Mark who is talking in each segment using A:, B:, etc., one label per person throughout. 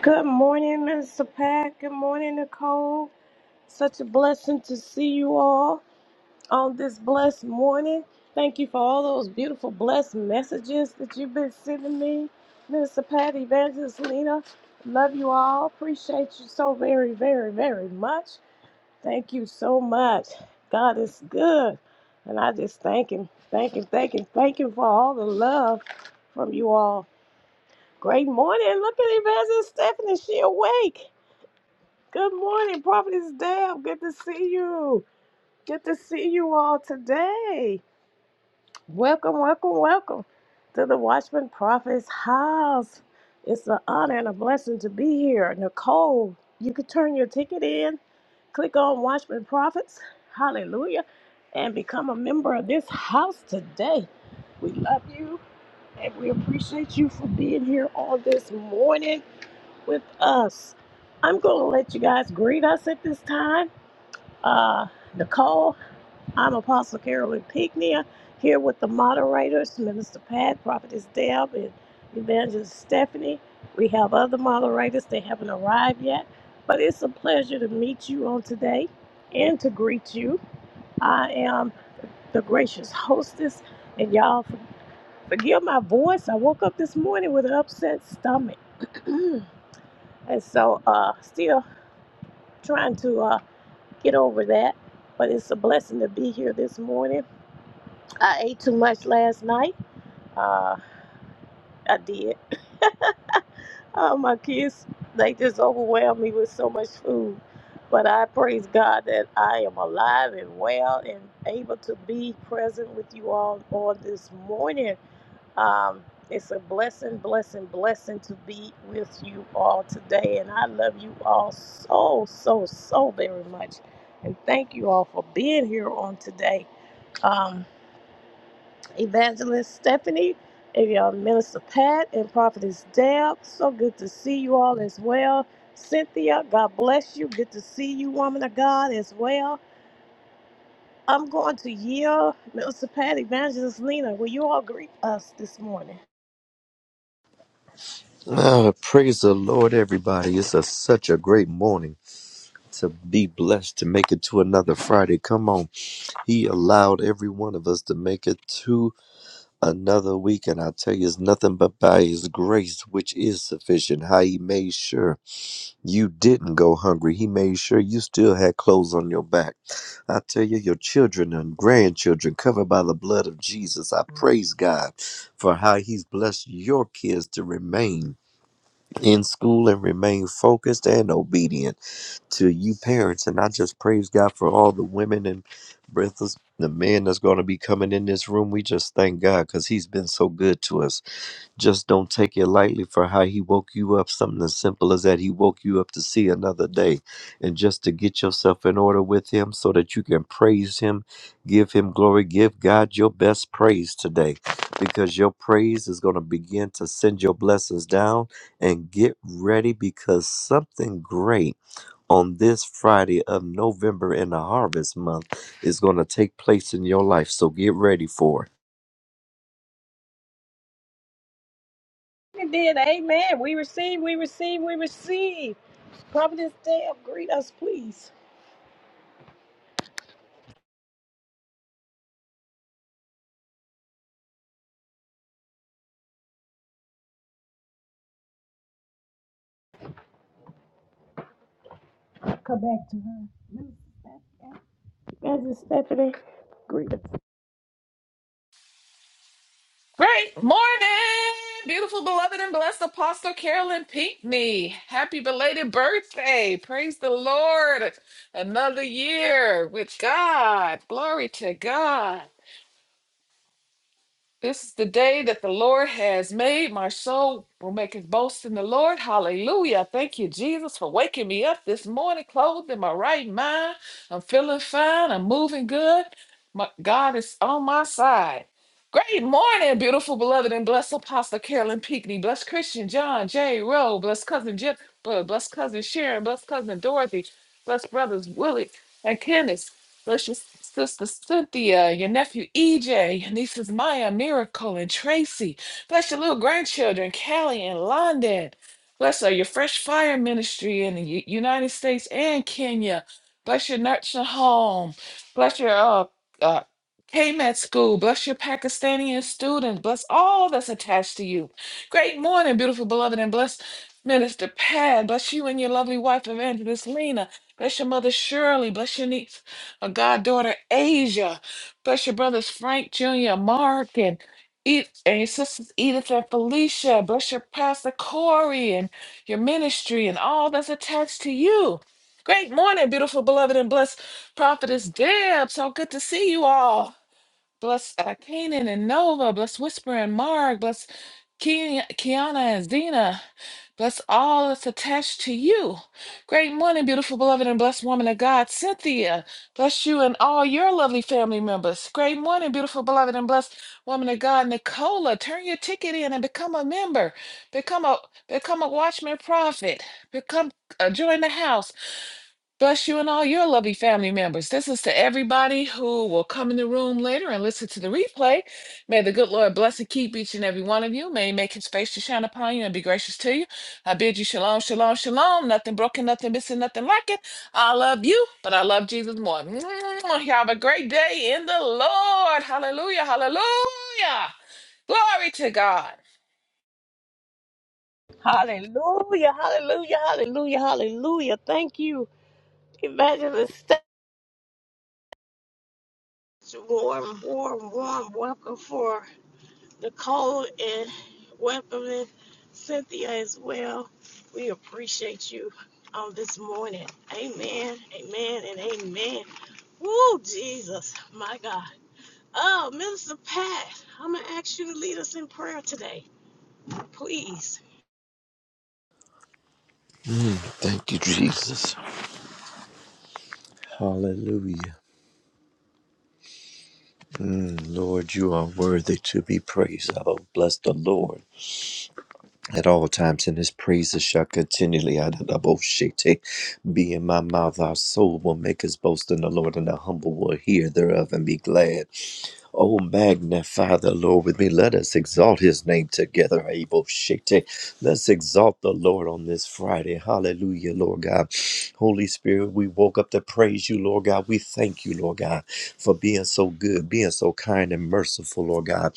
A: Good morning, Mr. Pat. Good morning, Nicole. Such a blessing to see you all on this blessed morning. Thank you for all those beautiful, blessed messages that you've been sending me. Mr. Pat, Evangelist Lena, love you all. Appreciate you so very, very, very much. Thank you so much. God is good. And I just thank Him, thank Him, thank Him, thank Him for all the love from you all. Great morning. Look at Evangelist Stephanie. She awake. Good morning, Prophetess Deb. Good to see you. Good to see you all today. Welcome, welcome, welcome to the Watchman Prophet's house. It's an honor and a blessing to be here. Nicole, you can turn your ticket in, click on Watchman Prophets, hallelujah, and become a member of this house today. We love you and we appreciate you for being here all this morning with us. I'm going to let you guys greet us at this time uh, Nicole. I'm Apostle Carolyn Pignia here with the moderators, Minister Pat, Prophetess Deb, and Evangelist Stephanie. We have other moderators. They haven't arrived yet, but it's a pleasure to meet you on today and to greet you. I am the gracious hostess, and y'all for- forgive my voice. I woke up this morning with an upset stomach, and so uh, still trying to uh, get over that. But it's a blessing to be here this morning I ate too much last night. Uh, I did. Uh, my kids, they just overwhelmed me with so much food. But I praise God that I am alive and well and able to be present with you all on this morning. Um, it's a blessing, blessing, blessing to be with you all today. And I love you all so, so, so very much. And thank you all for being here on today. Um, Evangelist Stephanie, and your Minister Pat, and Prophetess Deb. So good to see you all as well. Cynthia, God bless you. Good to see you, woman of God, as well. I'm going to yield, Minister Pat, Evangelist Lena. Will you all greet us this morning?
B: Ah, praise the Lord, everybody. It's a, such a great morning to be blessed to make it to another Friday. Come on. He allowed every one of us to make it to another week. And I tell you, it's nothing but by His grace, which is sufficient. How He made sure you didn't go hungry, He made sure you still had clothes on your back. I tell you, your children and grandchildren covered by the blood of Jesus. I praise God for how He's blessed your kids to remain in school and remain focused and obedient to you parents. And I just praise God for all the women and breathless the men that's going to be coming in this room. We just thank God because He's been so good to us. Just don't take it lightly for how he woke you up. Something as simple as that. He woke you up to see another day. And just to get yourself in order with him so that you can praise him, give him glory, give God your best praise today. Because your praise is going to begin to send your blessings down. And get ready because something great on this Friday of November in the harvest month is going to take place in your life. So get ready for it.
A: Indeed, amen. We receive, we receive, we receive. Prophetess Deb, greet us, please. Come back to her. Minister Pat, Evangelist Stephanie, greet us.
C: Great morning, beautiful, beloved, and blessed Apostle Carolyn Pinckney. Happy belated birthday. Praise the Lord. Another year with God. Glory to God. This is the day that the Lord has made. My soul will make its boast in the Lord. Hallelujah. Thank you, Jesus, for waking me up this morning, clothed in my right mind. I'm feeling fine. I'm moving good. My God is on my side. Great morning, beautiful, beloved, and blessed Apostle Carolyn Peekney. Bless Christian John J. Rowe. Bless Cousin Jip. uh, Bless Cousin Sharon. Bless Cousin Dorothy. Bless Brothers Willie and Kenneth. Bless your sister Cynthia, your nephew EJ, your nieces Maya, Miracle, and Tracy. Bless your little grandchildren, Callie and London. Bless uh, your Fresh Fire Ministry in the U- United States and Kenya. Bless your nursing home. Bless your uh, uh, KMET school. Bless your Pakistani students. Bless all that's attached to you. Great morning, beautiful beloved, and bless Minister Pat. Bless you and your lovely wife, Evangelist Lena. Bless your mother Shirley. Bless your niece. A goddaughter Asia. Bless your brothers Frank Jr., Mark, and Ed- and your sisters Edith and Felicia. Bless your pastor Corey and your ministry and all that's attached to you. Great morning, beautiful, beloved, and blessed prophetess Deb. So good to see you all. Bless uh, Kanan and Nova. Bless Whisper and Mark. Bless Ke- Kiana and Zena. Bless all that's attached to you. Great morning, beautiful, beloved, and blessed woman of God, Cynthia. Bless you and all your lovely family members. Great morning, beautiful, beloved, and blessed woman of God, Nicola. Turn your ticket in and become a member. Become a become a watchman prophet. Become uh, join the house. Bless you and all your lovely family members. This is to everybody who will come in the room later and listen to the replay. May the good Lord bless and keep each and every one of you. May He make His face to shine upon you and be gracious to you. I bid you shalom, shalom, shalom. Nothing broken, nothing missing, nothing lacking. I love you, but I love Jesus more. Mwah. You have a great day in the Lord. Hallelujah, hallelujah. Glory to God.
A: Hallelujah, hallelujah, hallelujah, hallelujah. Thank you. Imagine the such warm, warm, warm welcome for Nicole and welcoming Cynthia as well. We appreciate you on this morning. Amen, amen, and amen. Woo, Jesus, my God. Oh, Minister Pat, I'm going to ask you to lead us in prayer today, please.
B: Thank you, Jesus. Hallelujah. Mm, Lord, you are worthy to be praised. I will bless the Lord at all times, and his praises shall continually Adadaboshete, be in my mouth. Our soul will make us boast in the Lord, and the humble will hear thereof and be glad. Oh, magnify the Lord with me. Let us exalt his name together. Abel Shete. Let's exalt the Lord on this Friday. Hallelujah, Lord God. Holy Spirit, we woke up to praise you, Lord God. We thank you, Lord God, for being so good, being so kind and merciful, Lord God.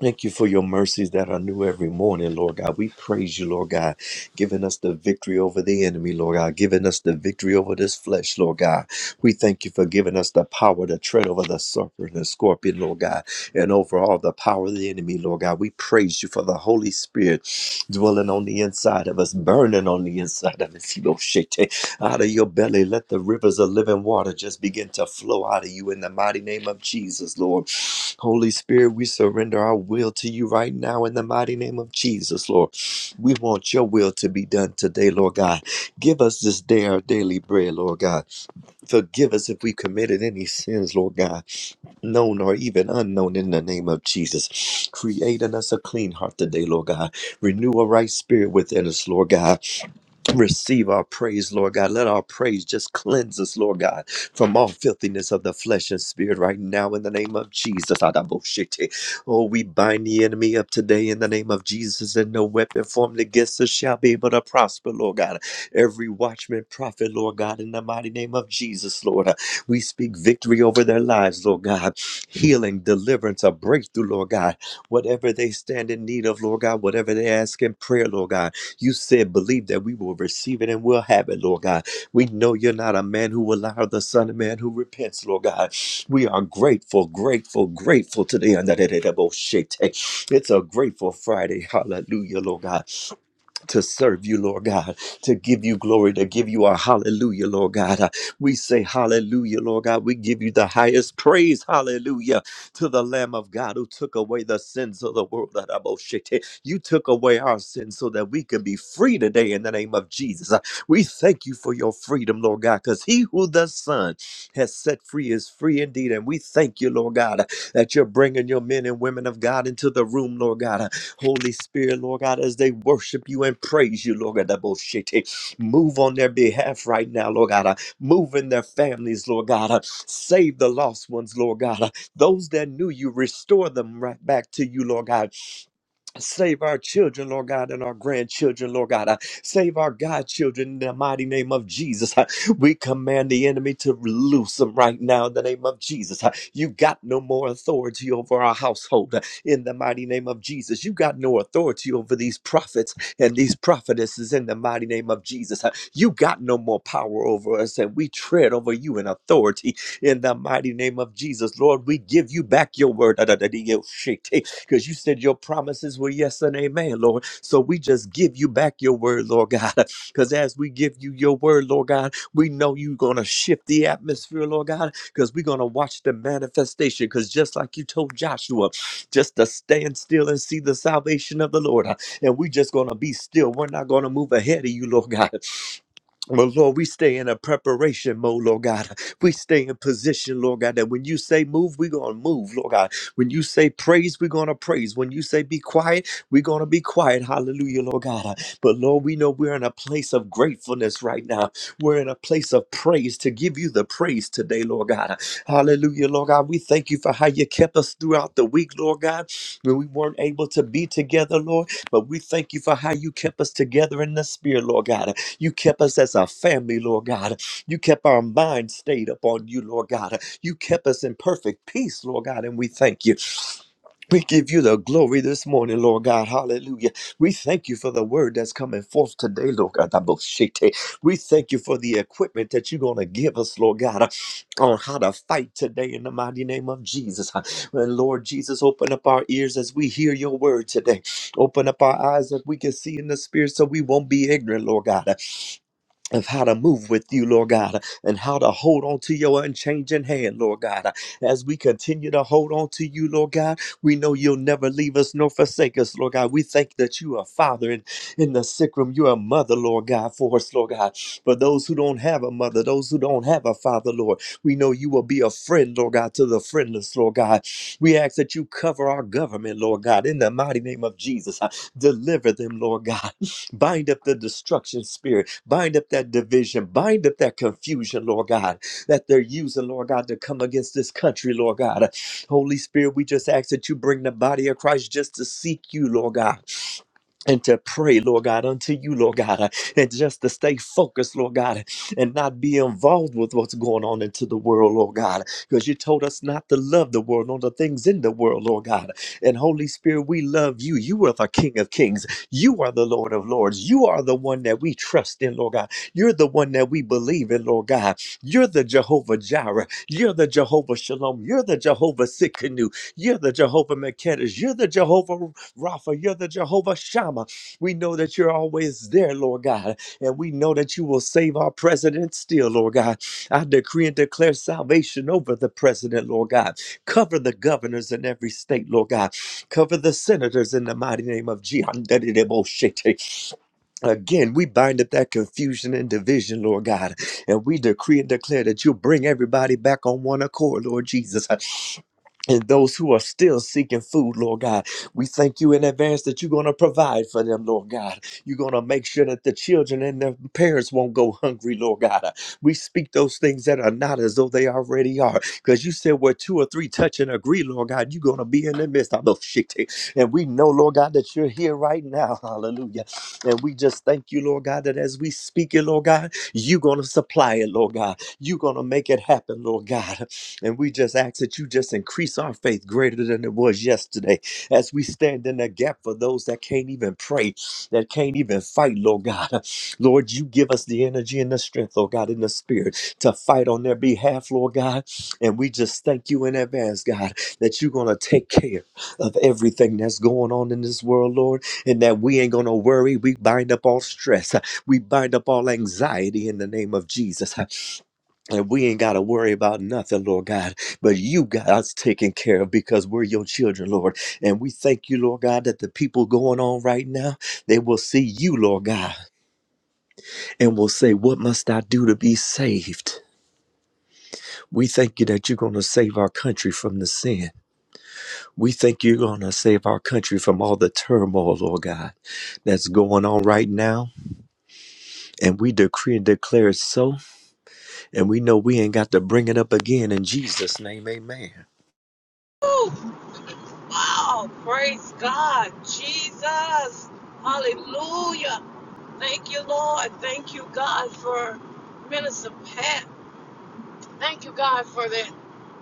B: Thank you for your mercies that are new every morning, Lord God. We praise you, Lord God, giving us the victory over the enemy, Lord God, giving us the victory over this flesh, Lord God. We thank you for giving us the power to tread over the serpent and scorpion, Lord God, and over all the power of the enemy, Lord God. We praise you for the Holy Spirit dwelling on the inside of us, burning on the inside of us. Hiroshite. Out of your belly, let the rivers of living water just begin to flow out of you in the mighty name of Jesus, Lord. Holy Spirit, we surrender our will to you right now in the mighty name of Jesus, Lord. We want your will to be done today, Lord God. Give us this day our daily bread, Lord God. Forgive us if we committed any sins, Lord God, known or even unknown in the name of Jesus. Create in us a clean heart today, Lord God. Renew a right spirit within us, Lord God. Receive our praise, Lord God. Let our praise just cleanse us, Lord God, from all filthiness of the flesh and spirit right now in the name of Jesus. Adaboshete. Oh, we bind the enemy up today in the name of Jesus, and no weapon formed against us shall be able to prosper, Lord God. Every watchman, prophet, Lord God, in the mighty name of Jesus, Lord. Uh, We speak victory over their lives, Lord God. Healing, deliverance, a breakthrough, Lord God. Whatever they stand in need of, Lord God, whatever they ask in prayer, Lord God. You said, believe that we will receive it and we'll have it, Lord God. We know you're not a man who will lie, or the son of man who repents, Lord God. We are grateful, grateful, grateful today. It's a grateful Friday. Hallelujah, Lord God to serve you, Lord God, to give you glory, to give you a hallelujah, Lord God. Uh, We say hallelujah, Lord God. We give you the highest praise, hallelujah, to the Lamb of God who took away the sins of the world. Adaboshete. You took away our sins so that we can be free today in the name of Jesus. Uh, We thank you for your freedom, Lord God, because he who the Son has set free is free indeed. And we thank you, Lord God, uh, that you're bringing your men and women of God into the room, Lord God. Uh, Holy Spirit, Lord God, as they worship you and praise you, Lord God, that bullshit. Move on their behalf right now, Lord God. Uh, Move in their families, Lord God. Uh, Save the lost ones, Lord God. Uh, Those that knew you, restore them right back to you, Lord God Save our children, Lord God, and our grandchildren, Lord God. Uh, save our godchildren in the mighty name of Jesus. Uh, we command the enemy to loose them right now in the name of Jesus. Uh, you got no more authority over our household uh, in the mighty name of Jesus. You got no authority over these prophets and these prophetesses in the mighty name of Jesus. Uh, you got no more power over us, and we tread over you in authority in the mighty name of Jesus. Lord, we give you back your word. because you said your promises were yes and amen, Lord. So we just give you back your word, Lord God, because as we give you your word, Lord God, we know you're going to shift the atmosphere, Lord God, because we're going to watch the manifestation. Because just like you told Joshua, just to stand still and see the salvation of the Lord, huh, and we're just going to be still. We're not going to move ahead of you, Lord God. But Lord, we stay in a preparation mode, Lord God. We stay in position, Lord God, that when you say move, we're going to move, Lord God. When you say praise, we're going to praise. When you say be quiet, we're going to be quiet. Hallelujah, Lord God. But Lord, we know we're in a place of gratefulness right now. We're in a place of praise to give you the praise today, Lord God. Hallelujah, Lord God. We thank you for how you kept us throughout the week, Lord God, when we weren't able to be together, Lord. But we thank you for how you kept us together in the spirit, Lord God. You kept us as a family, Lord God. You kept our mind stayed upon you, Lord God. You kept us in perfect peace, Lord God, and we thank you. We give you the glory this morning, Lord God. Hallelujah. We thank you for the word that's coming forth today, Lord God. Aboshete. We thank you for the equipment that you're going to give us, Lord God, on how to fight today in the mighty name of Jesus. And Lord Jesus, open up our ears as we hear your word today. Open up our eyes that we can see in the spirit so we won't be ignorant, Lord God of how to move with you, Lord God, and how to hold on to your unchanging hand, Lord God. As we continue to hold on to you, Lord God, we know you'll never leave us nor forsake us, Lord God. We thank that you are Father in, in the sick room. You are Mother, Lord God, for us, Lord God. For those who don't have a mother, those who don't have a father, Lord, we know you will be a friend, Lord God, to the friendless, Lord God. We ask that you cover our government, Lord God, in the mighty name of Jesus. Uh, Deliver them, Lord God. Bind up the destruction spirit Bind up that division. Bind up that confusion, Lord God, that they're using, Lord God, to come against this country, Lord God. Holy Spirit, we just ask that you bring the body of Christ just to seek you, Lord God and to pray, Lord God, unto you, Lord God, uh, and just to stay focused, Lord God, and not be involved with what's going on into the world, Lord God, because you told us not to love the world nor the things in the world, Lord God. And Holy Spirit, we love you. You are the King of Kings. You are the Lord of Lords. You are the one that we trust in, Lord God. You're the one that we believe in, Lord God. You're the Jehovah Jireh. You're the Jehovah Shalom. You're the Jehovah Sikkenu. You're the Jehovah Makedesh. You're the Jehovah Rapha, you're the Jehovah Shammah. We know that you're always there, Lord God, and we know that you will save our president still, Lord God. I decree and declare salvation over the president, Lord God. Cover the governors in every state, Lord God. Cover the senators in the mighty name of Jehovah. Again, we bind up that confusion and division, Lord God, and we decree and declare that you'll bring everybody back on one accord, Lord Jesus and those who are still seeking food, Lord God, we thank you in advance that you're going to provide for them, Lord God. You're going to make sure that the children and their parents won't go hungry, Lord God. Uh, We speak those things that are not as though they already are, because you said where two or three touch and agree, Lord God, you're going to be in the midst of those shit. And we know, Lord God, that you're here right now. Hallelujah. And we just thank you, Lord God, that as we speak it, Lord God, you're going to supply it, Lord God. You're going to make it happen, Lord God. And we just ask that you just increase our faith greater than it was yesterday as we stand in the gap for those that can't even pray, that can't even fight, Lord God. Lord, you give us the energy and the strength, Lord God, in the spirit to fight on their behalf, Lord God. And we just thank you in advance, God, that you're going to take care of everything that's going on in this world, Lord, and that we ain't going to worry. We bind up all stress, we bind up all anxiety in the name of Jesus. And we ain't got to worry about nothing, Lord God, but you got us taken care of because we're your children, Lord. And we thank you, Lord God, that the people going on right now, they will see you, Lord God, and will say, What must I do to be saved? We thank you that you're going to save our country from the sin. We thank you're going to save our country from all the turmoil, Lord God, that's going on right now. And we decree and declare it so. And we know we ain't got to bring it up again. In Jesus' name, amen.
A: Wow, praise God, Jesus, hallelujah. Thank you, Lord. Thank you, God, for Minister Pat. Thank you, God, for that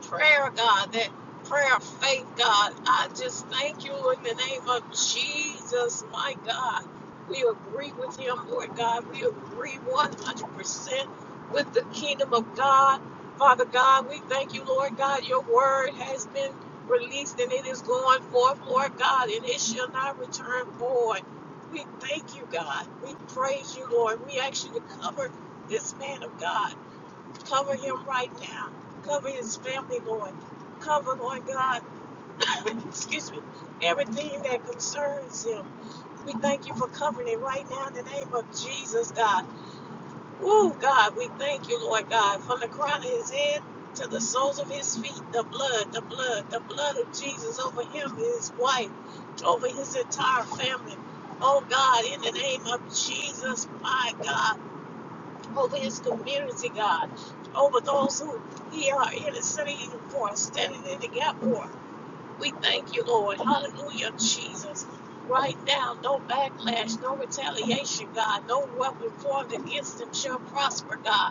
A: prayer, God, that prayer of faith, God. I just thank you in the name of Jesus, my God. We agree with him, Lord God. We agree 100% with the kingdom of God. Father God, we thank you, Lord God. Your word has been released and it is going forth, Lord God, and it shall not return void. We thank you, God. We praise you, Lord. We ask you to cover this man of God. Cover him right now. Cover his family, Lord. Cover, Lord God, excuse me, everything that concerns him. We thank you for covering it right now in the name of Jesus, God. Woo, God, we thank you, Lord God, from the crown of his head to the soles of his feet, the blood, the blood, the blood of Jesus over him, his wife, over his entire family. Oh, God, in the name of Jesus, my God over his community, God, over those who he are interceding for, standing in the gap for. We thank you, Lord. Hallelujah, Jesus. Right now, no backlash, no retaliation, God. No weapon formed against them shall prosper, God.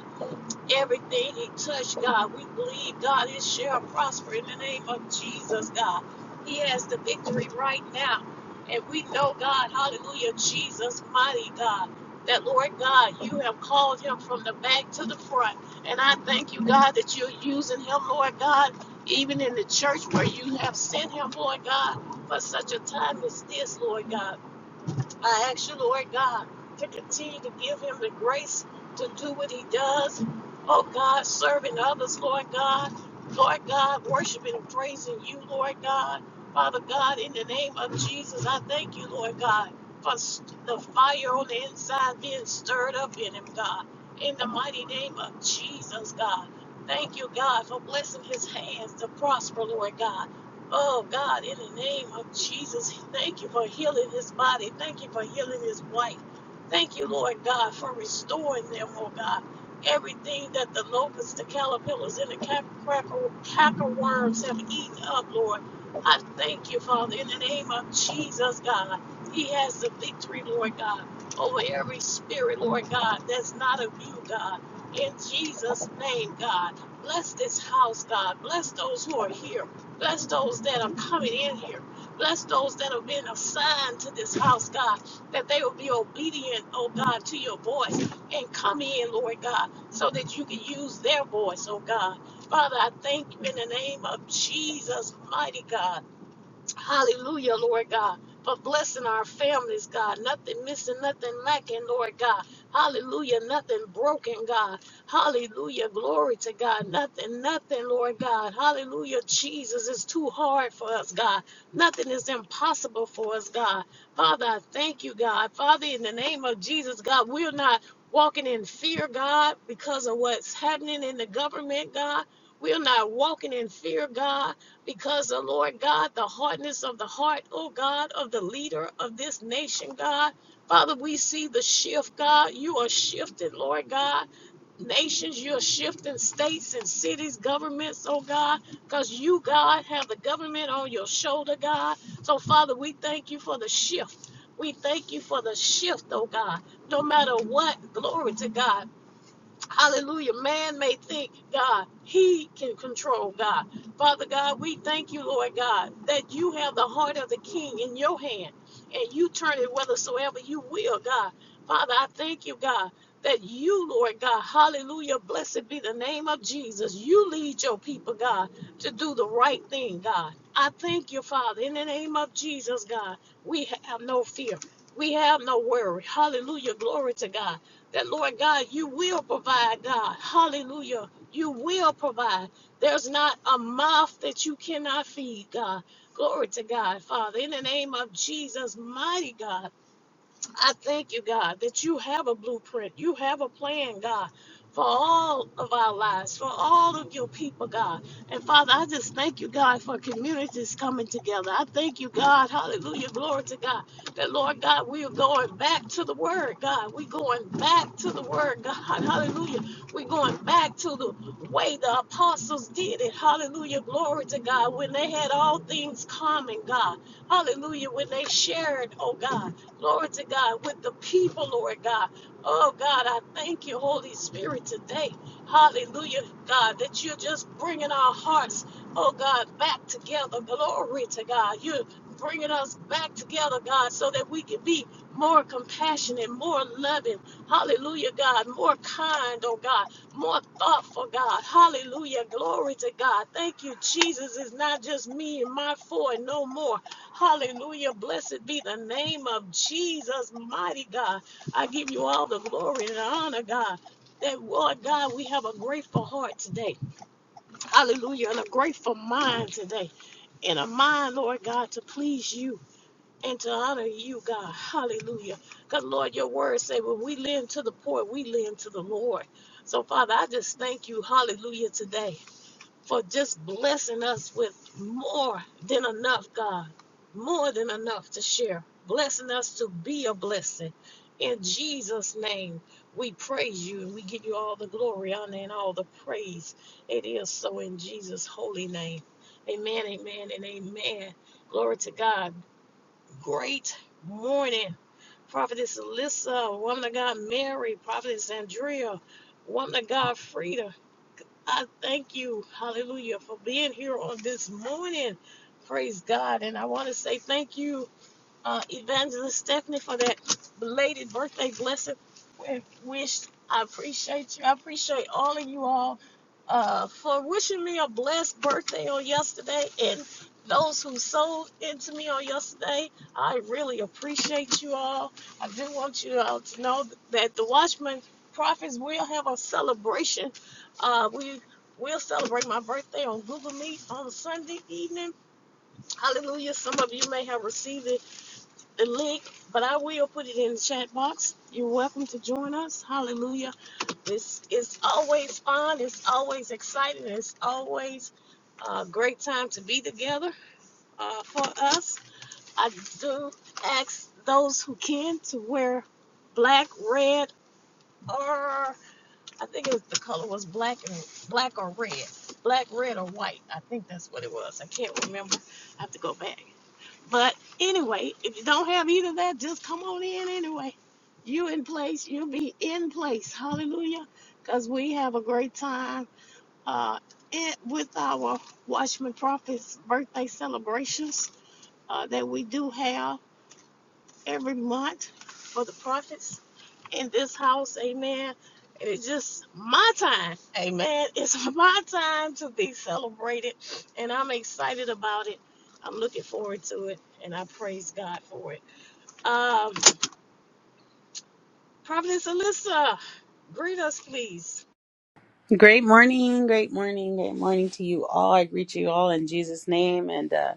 A: Everything he touched, God, we believe, God, it shall prosper in the name of Jesus, God. He has the victory right now. And we know, God, hallelujah, Jesus, mighty God, that Lord God, you have called him from the back to the front. And I thank you, God, that you're using him, Lord God, even in the church where you have sent him, Lord God, for such a time as this, Lord God. I ask you, Lord God, to continue to give him the grace to do what he does. Oh God, serving others, Lord God. Lord God, worshiping and praising you, Lord God. Father God, in the name of Jesus, I thank you, Lord God, for st- the fire on the inside being stirred up in him, God. In the mighty name of Jesus, God. Thank you, God, for blessing his hands to prosper, Lord God. Oh God, in the name of Jesus, thank you for healing his body. Thank you for healing his wife. Thank you, Lord God, for restoring them, oh God. Everything that the locusts, the caterpillars, and the cap- cracker, cracker worms have eaten up, Lord. I thank you, Father, in the name of Jesus, God. He has the victory, Lord God, over every spirit, Lord God, that's not of you, God. In Jesus' name, God. Bless this house, God. Bless those who are here. Bless those that are coming in here. Bless those that have been assigned to this house, God, that they will be obedient, oh God, to your voice and come in, Lord God, so that you can use their voice, oh God. Father, I thank you in the name of Jesus, mighty God. Hallelujah, Lord God. For blessing our families, God. Nothing missing, nothing lacking, Lord God. Hallelujah. Nothing broken, God. Hallelujah. Glory to God. Nothing, nothing, Lord God. Hallelujah. Jesus is too hard for us, God. Nothing is impossible for us, God. Father, I thank you, God. Father, in the name of Jesus, God, we're not walking in fear, God, because of what's happening in the government, God. We're not walking in fear, God because the Lord God, the hardness of the heart, oh God, of the leader of this nation, God. Father, we see the shift, God. You are shifted, Lord God. Nations, you're shifting states and cities, governments, oh God, because you, God, have the government on your shoulder, God. So, Father, we thank you for the shift. We thank you for the shift, oh God. No matter what, glory to God Hallelujah. Man may think, God, he can control God. Father God, we thank you, Lord God, that you have the heart of the king in your hand and you turn it whithersoever you will, God. Father, I thank you, God, that you, Lord God, hallelujah, blessed be the name of Jesus. You lead your people, God, to do the right thing, God. I thank you, Father, in the name of Jesus, God. We have no fear. We have no worry. Hallelujah. Glory to God that Lord God, you will provide, God. Hallelujah. You will provide. There's not a mouth that you cannot feed, God. Glory to God, Father. In the name of Jesus, mighty God. I thank you, God, that you have a blueprint. You have a plan, God, for all of our lives, for all of your people, God. And Father, I just thank you, God, for communities coming together. I thank you, God. Hallelujah. Glory to God. That, Lord God, we are going back to the Word, God. We're going back to the Word, God. Hallelujah. We're going back to the way the apostles did it. Hallelujah. Glory to God. When they had all things common, God. Hallelujah. When they shared, oh God. Glory to God with the people, Lord God. Oh God, I thank you, Holy Spirit, today. Hallelujah, God, that you're just bringing our hearts, oh God, back together. Glory to God. You're bringing us back together, God, so that we can be more compassionate, more loving. Hallelujah, God. More kind, oh God. More thoughtful, God. Hallelujah. Glory to God. Thank you, Jesus. It's not just me and my four and no more. Hallelujah. Blessed be the name of Jesus, mighty God. I give you all the glory and honor, God. That Lord God, we have a grateful heart today. Hallelujah. And a grateful mind today. And a mind, Lord God, to please you and to honor you, God. Hallelujah. Because Lord, your words say when we lend to the poor, we lend to the Lord. So Father, I just thank you, hallelujah, today for just blessing us with more than enough, God, more than enough to share, blessing us to be a blessing. In Jesus' name, we praise you and we give you all the glory, honor, and all the praise. It is so in Jesus' holy name. Amen, amen, and amen. Glory to God. Great morning. Prophetess Alyssa, woman of God Mary, Prophetess Andrea, woman of God Frida, I thank you, hallelujah, for being here on this morning. Praise God. And I want to say thank you uh, Evangelist Stephanie for that belated birthday blessing and wish. I appreciate you. I appreciate all of you all uh, for wishing me a blessed birthday on yesterday and those who sold into me on yesterday. I really appreciate you all. I do want you all to know that the Watchman Prophets will have a celebration. Uh, we will celebrate my birthday on Google Meet on Sunday evening. Hallelujah. Some of you may have received it the link, but I will put it in the chat box. You're welcome to join us. Hallelujah. It's, it's always fun. It's always exciting. It's always a great time to be together uh, for us. I do ask those who can to wear black, red, or I think it was, the color was black and black or red. Black, red, or white. I think that's what it was. I can't remember. I have to go back. But anyway, if you don't have either of that, just come on in anyway. You in place, you'll be in place. Hallelujah. Because we have a great time uh, it, with our Watchman Prophets birthday celebrations uh, that we do have every month for the prophets in this house. Amen. And it's just my time. Amen. It's my time to be celebrated. And I'm excited about it. I'm looking forward to it. And I praise God for it. Um, Providence Alyssa, greet us, please.
D: Great morning, great morning, great morning to you all. I greet you all in Jesus' name. And uh,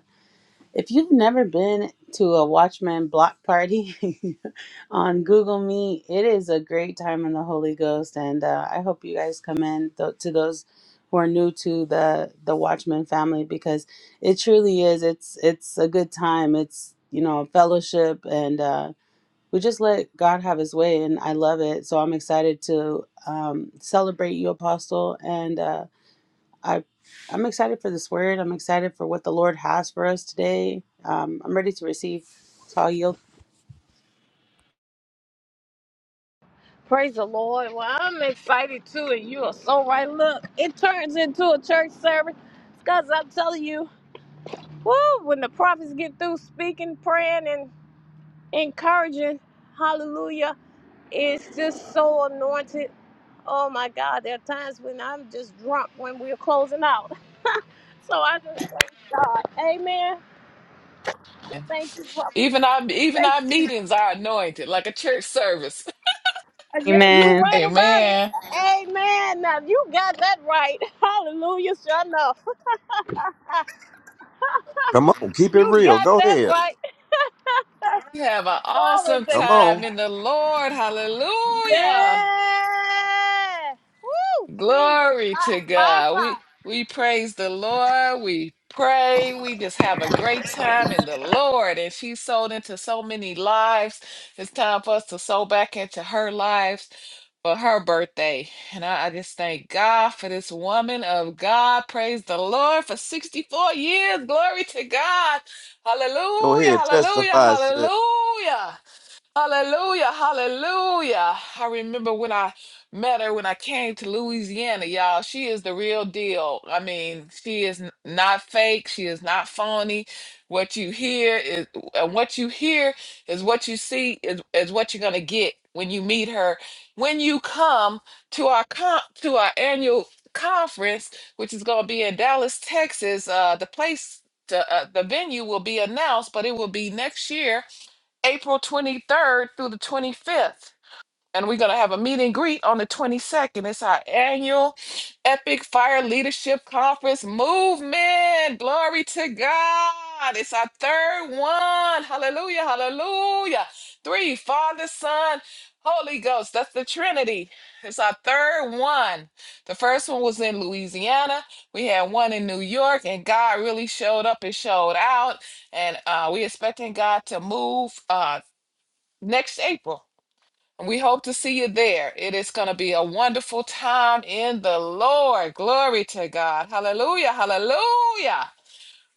D: if you've never been to a Watchman block party on Google Meet, it is a great time in the Holy Ghost. And uh, I hope you guys come in th- to those who are new to the the Watchman family because it truly is. It's it's a good time. It's you know fellowship and. uh, we just let God have his way, and I love it. So I'm excited to um, celebrate you, Apostle, and uh, I, I'm excited for this word. I'm excited for what the Lord has for us today. Um, I'm ready to receive. So I'll yield.
A: Praise the Lord. Well, I'm excited too, and you are so right. Look, it turns into a church service because I'm telling you, woo, when the prophets get through speaking, praying, and encouraging, hallelujah, it's just so anointed. Oh my God, there are times when I'm just drunk when we're closing out. So I just, God, amen. Thank you, prophet.
C: Even our even our meetings are anointed like a church service.
A: Yeah, You're
D: Amen.
A: right about it.
C: Amen.
A: Amen. Now you got that right. Hallelujah, sure enough.
B: Come on, keep it
A: You
B: real.
A: got
B: Go
A: that
B: ahead.
A: right.
C: We have an
A: Glory
C: awesome
A: to God.
B: Come
C: time
B: on.
C: in the Lord. Hallelujah.
A: Yeah. Woo, Jesus.
C: Glory to
A: Five, five,
C: God. We
A: five.
C: we praise the Lord. We pray. We just have a great time in the Lord. And she sold into so many lives. It's time for us to sow back into her lives for her birthday. And I, I just thank God for this woman of God. Praise the Lord for 64 years. Glory to God.
B: Go
C: Hallelujah.
B: ahead.
C: Hallelujah.
B: Testify, sis.
C: Hallelujah. Hallelujah, hallelujah. I remember when I met her when I came to Louisiana, y'all. She is the real deal. I mean, she is n- not fake, she is not phony. What you hear is and what you hear is what you see is, is what you're going to get when you meet her. When you come to our con- to our annual conference, which is going to be in Dallas, Texas, uh the place to, uh, the venue will be announced, but it will be next year April 23rd through the 25th. And we're going to have a meet and greet on the 22nd. It's our annual Epic Fire Leadership Conference movement. Glory to God. It's our third one. Hallelujah. Hallelujah. Three, Father, Son, Holy Ghost. That's the Trinity. It's our third one. The first one was in Louisiana. We had one in New York, and God really showed up and showed out and uh, we expecting God to move. uh, next April. We hope to see you there. It is going to be a wonderful time in the Lord. Glory to God. Hallelujah. Hallelujah.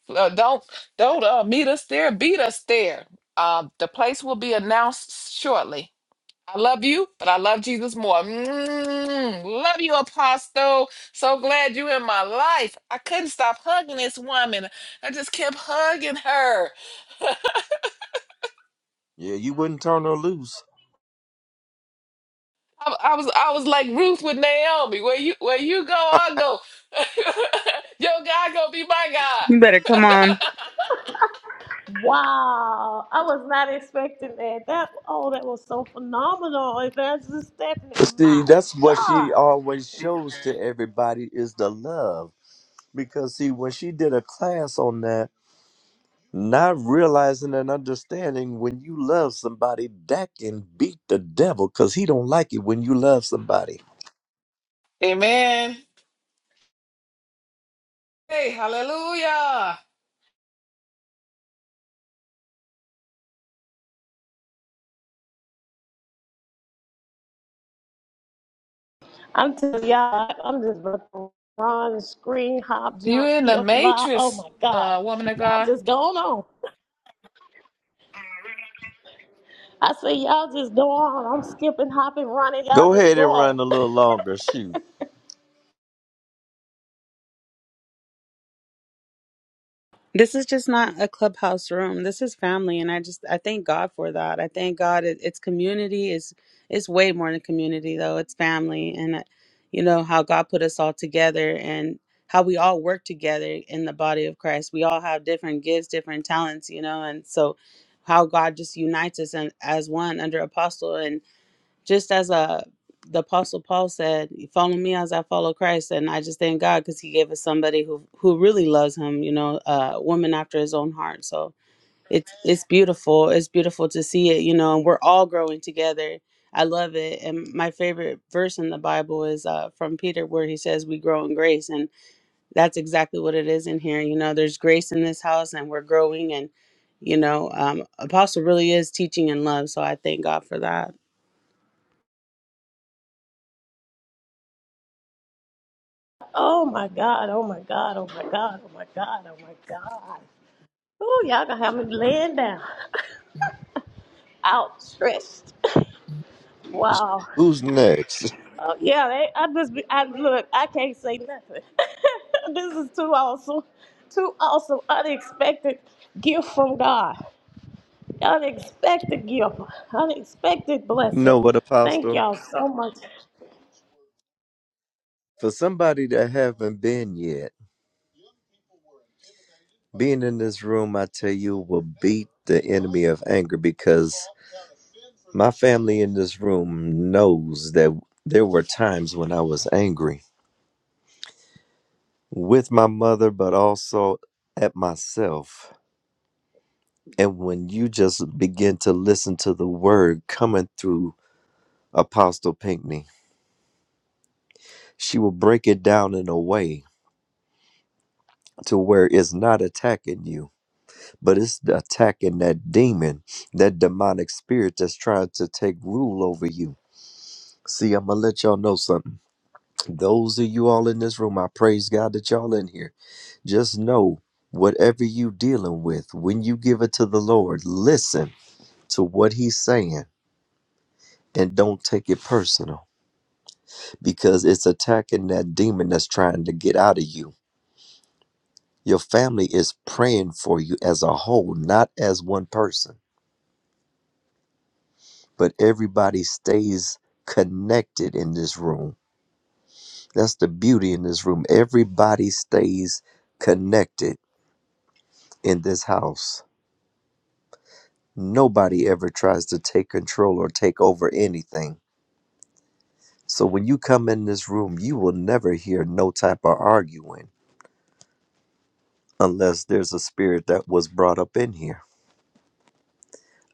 C: Uh, don't don't uh, meet us there. Beat us there. Uh, the place will be announced shortly. I love you, but I love Jesus more. Mm, love you, Apostle. So glad you in my life. I couldn't stop hugging this woman. I just kept hugging her.
B: Yeah, you wouldn't turn her loose.
C: I, I was I was like Ruth with Naomi. Where you where you go, I go. Your God gonna be my
D: You
C: God.
D: better come on.
A: Wow. I was not expecting that. That oh, that was so phenomenal. Evangelist Stephanie.
B: But see,
A: My
B: that's what
A: God.
B: she always shows to everybody is the love. Because see, when she did a class on that, not realizing and understanding when you love somebody, that can beat the devil because he don't like it when you love somebody.
C: Amen. Hey, hallelujah.
A: I'm telling y'all, I'm just about to run, scream, hop,
C: You
A: jump,
C: in the
A: skip, lie. Oh
C: matrix,
A: my God.
C: uh, woman of
A: Y'all
C: God.
A: just going on. I say, y'all just go on. I'm skipping, hopping, running. Y'all
B: Go
A: just
B: ahead
A: go
B: and
A: on.
B: run a little longer. Shoot.
D: This is just not a clubhouse room. This is family, and I just I thank God for that. I thank God it, it's community. is it's way more than community though. It's family, and uh, you know how God put us all together and how we all work together in the body of Christ. We all have different gifts, different talents, you know, and so how God just unites us and as one under apostle. and just as a the apostle paul said follow me as i follow christ and i just thank god because he gave us somebody who who really loves him you know a woman after his own heart so it's it's beautiful it's beautiful to see it you know and we're all growing together i love it and my favorite verse in the bible is uh, from peter where he says we grow in grace and that's exactly what it is in here you know there's grace in this house and we're growing and you know um, apostle really is teaching in love so i thank god for that
A: Oh my God. Oh my God. Oh my God. Oh my God. Oh my God. Oh, y'all gonna have me laying down, outstretched. Wow.
B: Who's next?
A: Oh, yeah, they, I just be, I look. I can't say nothing. this is too awesome, too awesome, unexpected gift from God. Unexpected gift, unexpected
B: You
A: blessing.
B: know what,
A: Thank
B: Apostle?
A: y'all so much.
B: For somebody that haven't been yet. Being in this room, I tell you, will beat the enemy of anger because my family in this room knows that there were times when I was angry with my mother, but also at myself. And when you just begin to listen to the word coming through Apostle Pinckney, she will break it down in a way to where it's not attacking you, but it's attacking that demon, that demonic spirit that's trying to take rule over you See, I'm gonna let y'all know something. Those of you all in this room, I praise God that y'all in here. Just know whatever you dealing with, when you give it to the Lord, listen to what He's saying and don't take it personal because it's attacking that demon that's trying to get out of you. Your family is praying for you as a whole, not as one person, but everybody stays connected in this room. That's the beauty in this room. Everybody stays connected in this house. Nobody ever tries to take control or take over anything. So when you come in this room, you will never hear no type of arguing unless there's a spirit that was brought up in here.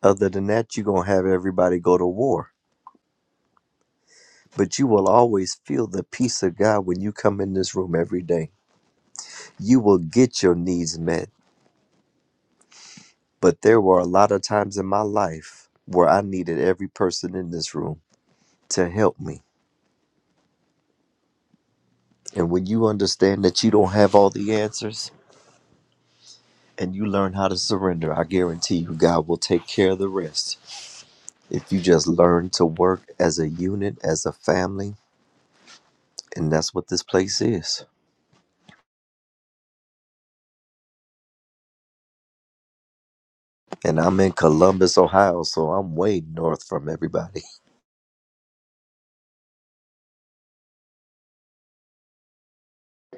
B: Other than that, you're going to have everybody go to war. But you will always feel the peace of God when you come in this room every day. You will get your needs met. But there were a lot of times in my life where I needed every person in this room to help me And when you understand that you don't have all the answers and you learn how to surrender, I guarantee you God will take care of the rest. If you just learn to work as a unit, as a family, and that's what this place is. And I'm in Columbus, Ohio, so I'm way north from everybody.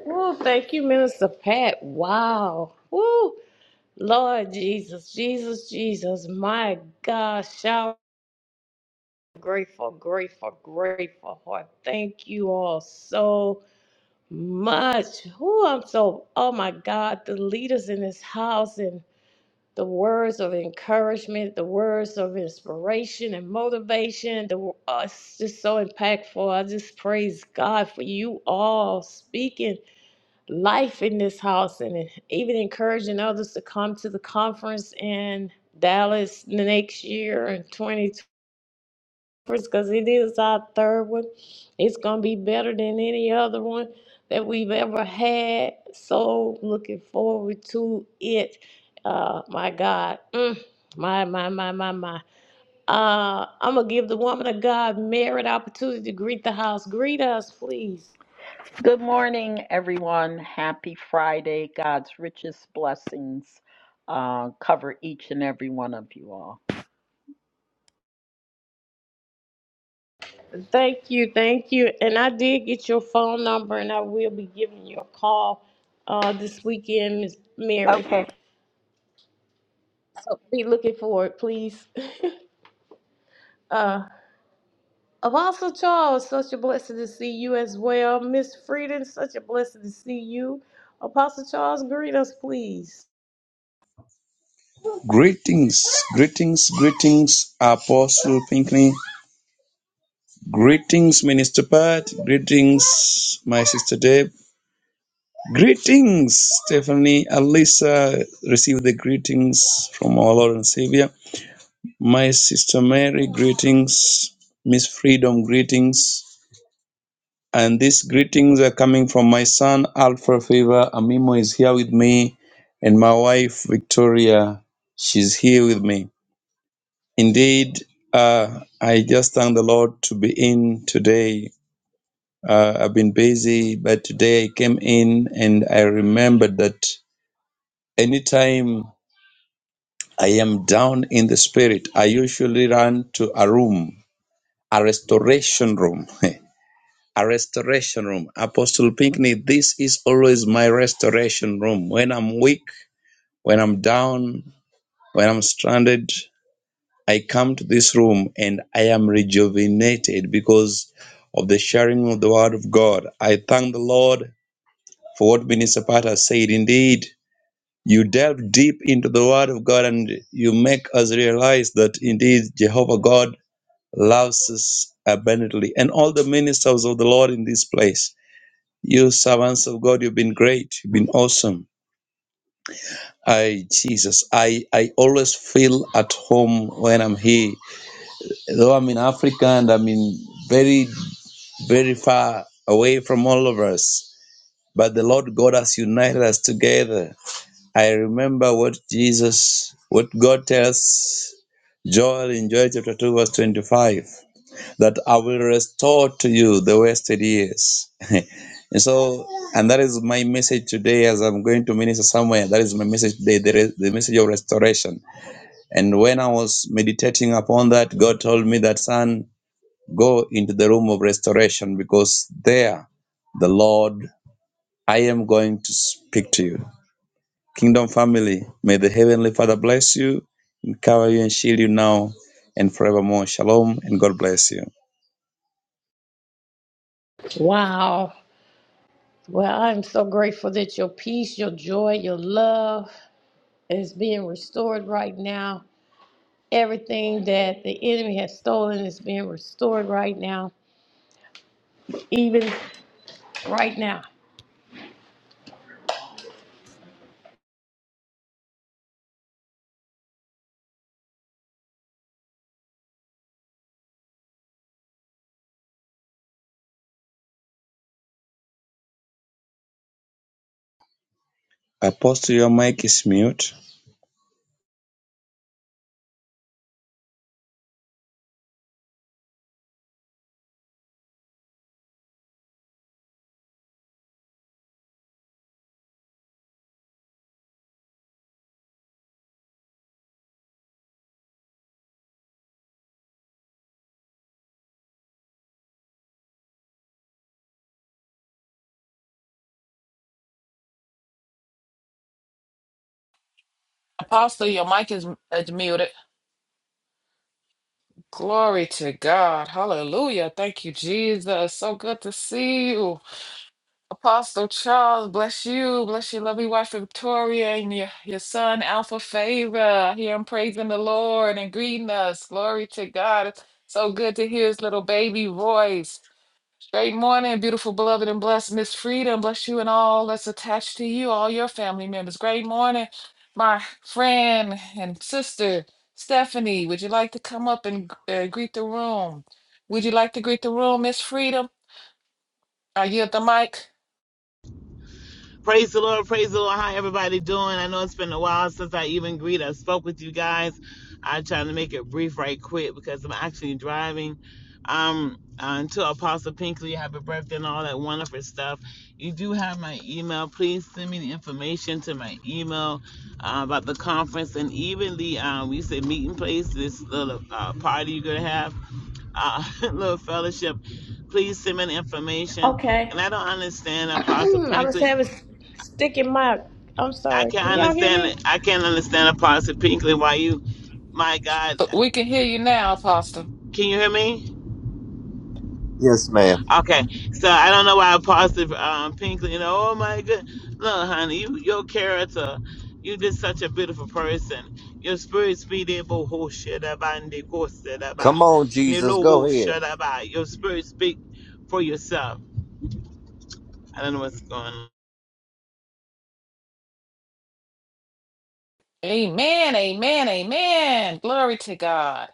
A: Oh, thank you, Minister Pat. Wow. Woo. Lord Jesus, Jesus, Jesus. My God, shower grateful, grateful, grateful heart. Thank you all so much. Who I'm so oh my God, the leaders in this house and the words of encouragement, the words of inspiration and motivation, the uh, it's just so impactful. I just praise God for you all speaking life in this house and even encouraging others to come to the conference in Dallas the next year in 2020 because it is our third one. It's going to be better than any other one that we've ever had. So looking forward to it. Uh, my God. Mm, my, my, my, my, my. Uh, I'm going to give the woman of God merit opportunity to greet the house. Greet us, please.
E: Good morning, everyone. Happy Friday. God's richest blessings uh, cover each and every one of you all.
A: Thank you, thank you. And I did get your phone number, and I will be giving you a call uh, this weekend, Miss Mary.
E: Okay.
A: So be looking for it, please. Uh, Apostle Charles, such a blessing to see you as well. Miss Frieden, such a blessing to see you. Apostle Charles, greet us, please.
F: Greetings, greetings, greetings, Apostle Pinkney. Greetings, Minister Pat. Greetings, my sister Deb. Greetings, Stephanie. Alisa, receive the greetings from our Lord and Savior. My sister Mary, greetings. Miss Freedom, greetings. And these greetings are coming from my son, Alpha Favor. Amimo is here with me, and my wife, Victoria, she's here with me. Indeed, uh, I just thank the Lord to be in today. Uh, I've been busy, but today I came in and I remembered that anytime I am down in the spirit, I usually run to a room, a restoration room. A restoration room. Apostle Pinckney, this is always my restoration room. When I'm weak, when I'm down, when I'm stranded, I come to this room and I am rejuvenated because of the sharing of the word of God. I thank the Lord for what Minister Pata said. Indeed, you delve deep into the word of God and you make us realize that indeed Jehovah God loves us abundantly. And all the ministers of the Lord in this place, you servants of God, you've been great, you've been awesome. I Jesus, I I always feel at home when I'm here Though I'm in Africa and I'm in very, very far away from all of us, but the Lord God has united us together. I remember what Jesus, what God tells Joel in Joel chapter 2, verse 25, that I will restore to you the wasted years. and so, and that is my message today as I'm going to minister somewhere. That is my message today, the, re- the message of restoration. And when I was meditating upon that, God told me that, son, Go into the room of restoration because there the Lord, I am going to speak to you. Kingdom family, may the Heavenly Father bless you and cover you and shield you now and forevermore. Shalom and God bless you.
A: Wow. Well, I'm so grateful that your peace, your joy, your love is being restored right now. Everything that the enemy has stolen is being restored right now. even right now.
F: Apostle, your mic is mute.
C: Apostle, your mic is is muted. Glory to God. Hallelujah. Thank you, Jesus. So good to see you. Apostle Charles, bless you. Bless your lovely wife Victoria and your, your son Alpha Favor. Hear him praising the Lord and greeting us. Glory to God. It's so good to hear his little baby voice. Great morning, beautiful, beloved, and blessed Miss Freedom. Bless you and all that's attached to you, all your family members. Great morning, my friend and sister Stephanie. Would you like to come up and uh, greet the room? Would you like to greet the room, Miss Freedom? I yield the mic.
G: Praise the Lord, praise the Lord. How everybody doing? I know it's been a while since I even greeted. I spoke with you guys. I'm trying to make it brief right quick because I'm actually driving. Um, uh, to Apostle Pinkley, happy birthday and all that wonderful stuff. You do have my email. Please send me the information to my email uh, about the conference and even the um, we said meeting place, this little uh, party you're gonna have, uh, little fellowship. Please send me the information.
A: Okay.
G: And I don't understand Apostle
A: I was
G: Pinkley
A: having stick in my. I'm
G: I
A: sorry.
G: can't
A: Can y'all hear
G: understand
A: me?
G: it. I can't understand Apostle Pinkley why you, my God,
C: We can hear you now, Apostle.
G: can you hear me?
B: Yes, ma'am.
G: Okay, so I don't know why Apostle um, Pinkley, you know, oh my God, look, honey, you, your character, you just such a beautiful person. Your spirit speed able ho shadaba and de go
B: Come
G: shadaba,
B: on, Jesus,
G: nilo
B: go
G: wo
B: ahead.
G: shadaba. Your spirit speak for yourself. I don't know what's going on.
C: Amen, amen, amen. Glory to God.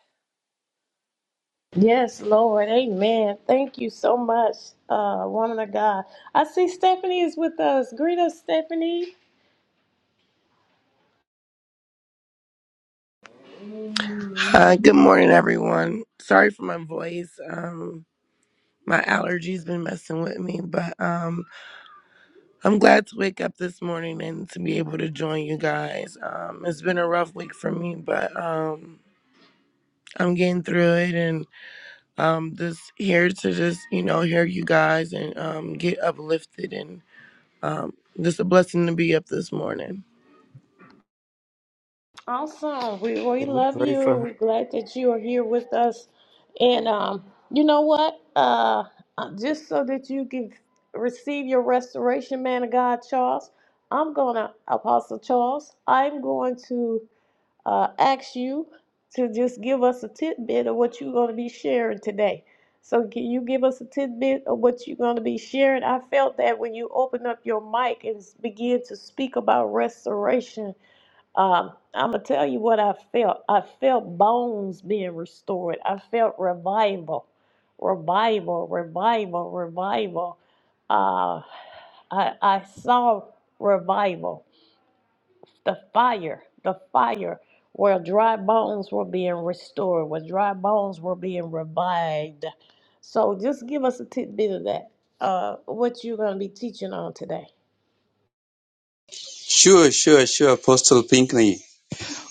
A: Yes, Lord. Amen. Thank you so much, uh, woman of God. I see Stephanie is with us. Greet us, Stephanie.
H: Uh, good morning, everyone. Sorry for my voice. Um, my allergies been messing with me, but um, I'm glad to wake up this morning and to be able to join you guys. Um, it's been a rough week for me, but um, I'm getting through it, and um, just here to just you know hear you guys and um, get uplifted, and um, just a blessing to be up this morning.
A: Awesome. We we
B: Can we
A: love
B: pray
A: you.
B: for her?
A: We're glad that you are here with us. And um, you know what? Uh, uh, just so that you can receive your restoration, man of God, Charles. I'm gonna Apostle Charles. I'm going to. uh, ask you to just give us a tidbit of what you're going to be sharing today. So, can you give us a tidbit of what you're going to be sharing? I felt that when you open up your mic and s- begin to speak about restoration, um, I'm going to tell you what I felt. I felt bones being restored, I felt revival, revival, revival, revival. Uh, I, I saw revival the fire, the fire where dry bones were being restored, where dry bones were being revived. So just give us a tidbit of that. Uh, what you're going to be teaching on today.
F: Sure, sure, sure, Apostle Pinkney.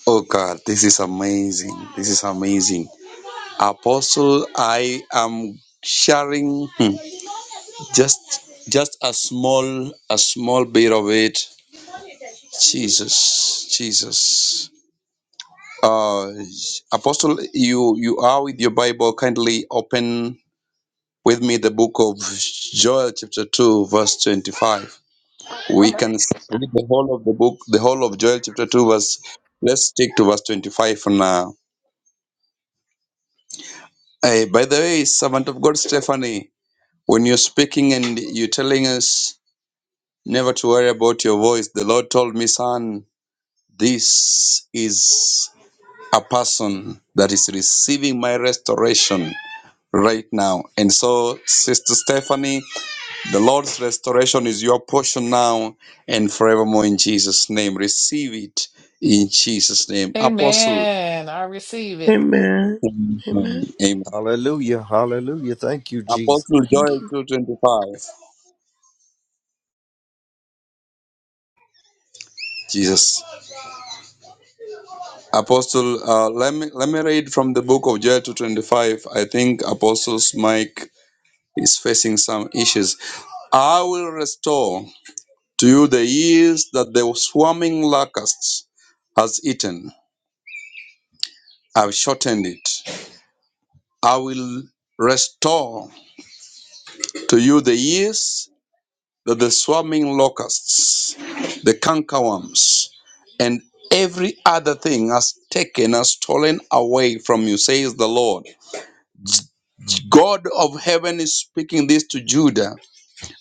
F: Oh God, this is amazing. This is amazing. Apostle, I am sharing. Just just a small a small bit of it. Jesus. Jesus. Uh Apostle, you you are with your Bible. Kindly open with me the book of Joel chapter 2 verse 25. We can s- read the whole of the book, the whole of Joel chapter 2 verse let's stick to verse 25 for now. Hey, by the way, servant of God Stephanie, when you're speaking and you're telling us never to worry about your voice, the Lord told me, son, This is a person that is receiving my restoration right now. And so, Sister Stephanie, the Lord's restoration is your portion now and forevermore in Jesus' name. Receive it in Jesus' name. Apostle,
C: Amen. I receive it.
H: Amen.
F: amen.
H: Amen.
B: Hallelujah, hallelujah. Thank you, Jesus.
F: Apostle
H: Thank
F: Joel 225. Jesus. Apostle, uh, let me let me read from the book of Joel 225. I think Apostle's mic is facing some issues. I will restore to you the years that the swarming locust has eaten. I've shortened it. I will restore to you the years that the swarming locusts, the cankerworms, and every other thing has taken, has stolen away from you, says the Lord. God of heaven is speaking this to Judah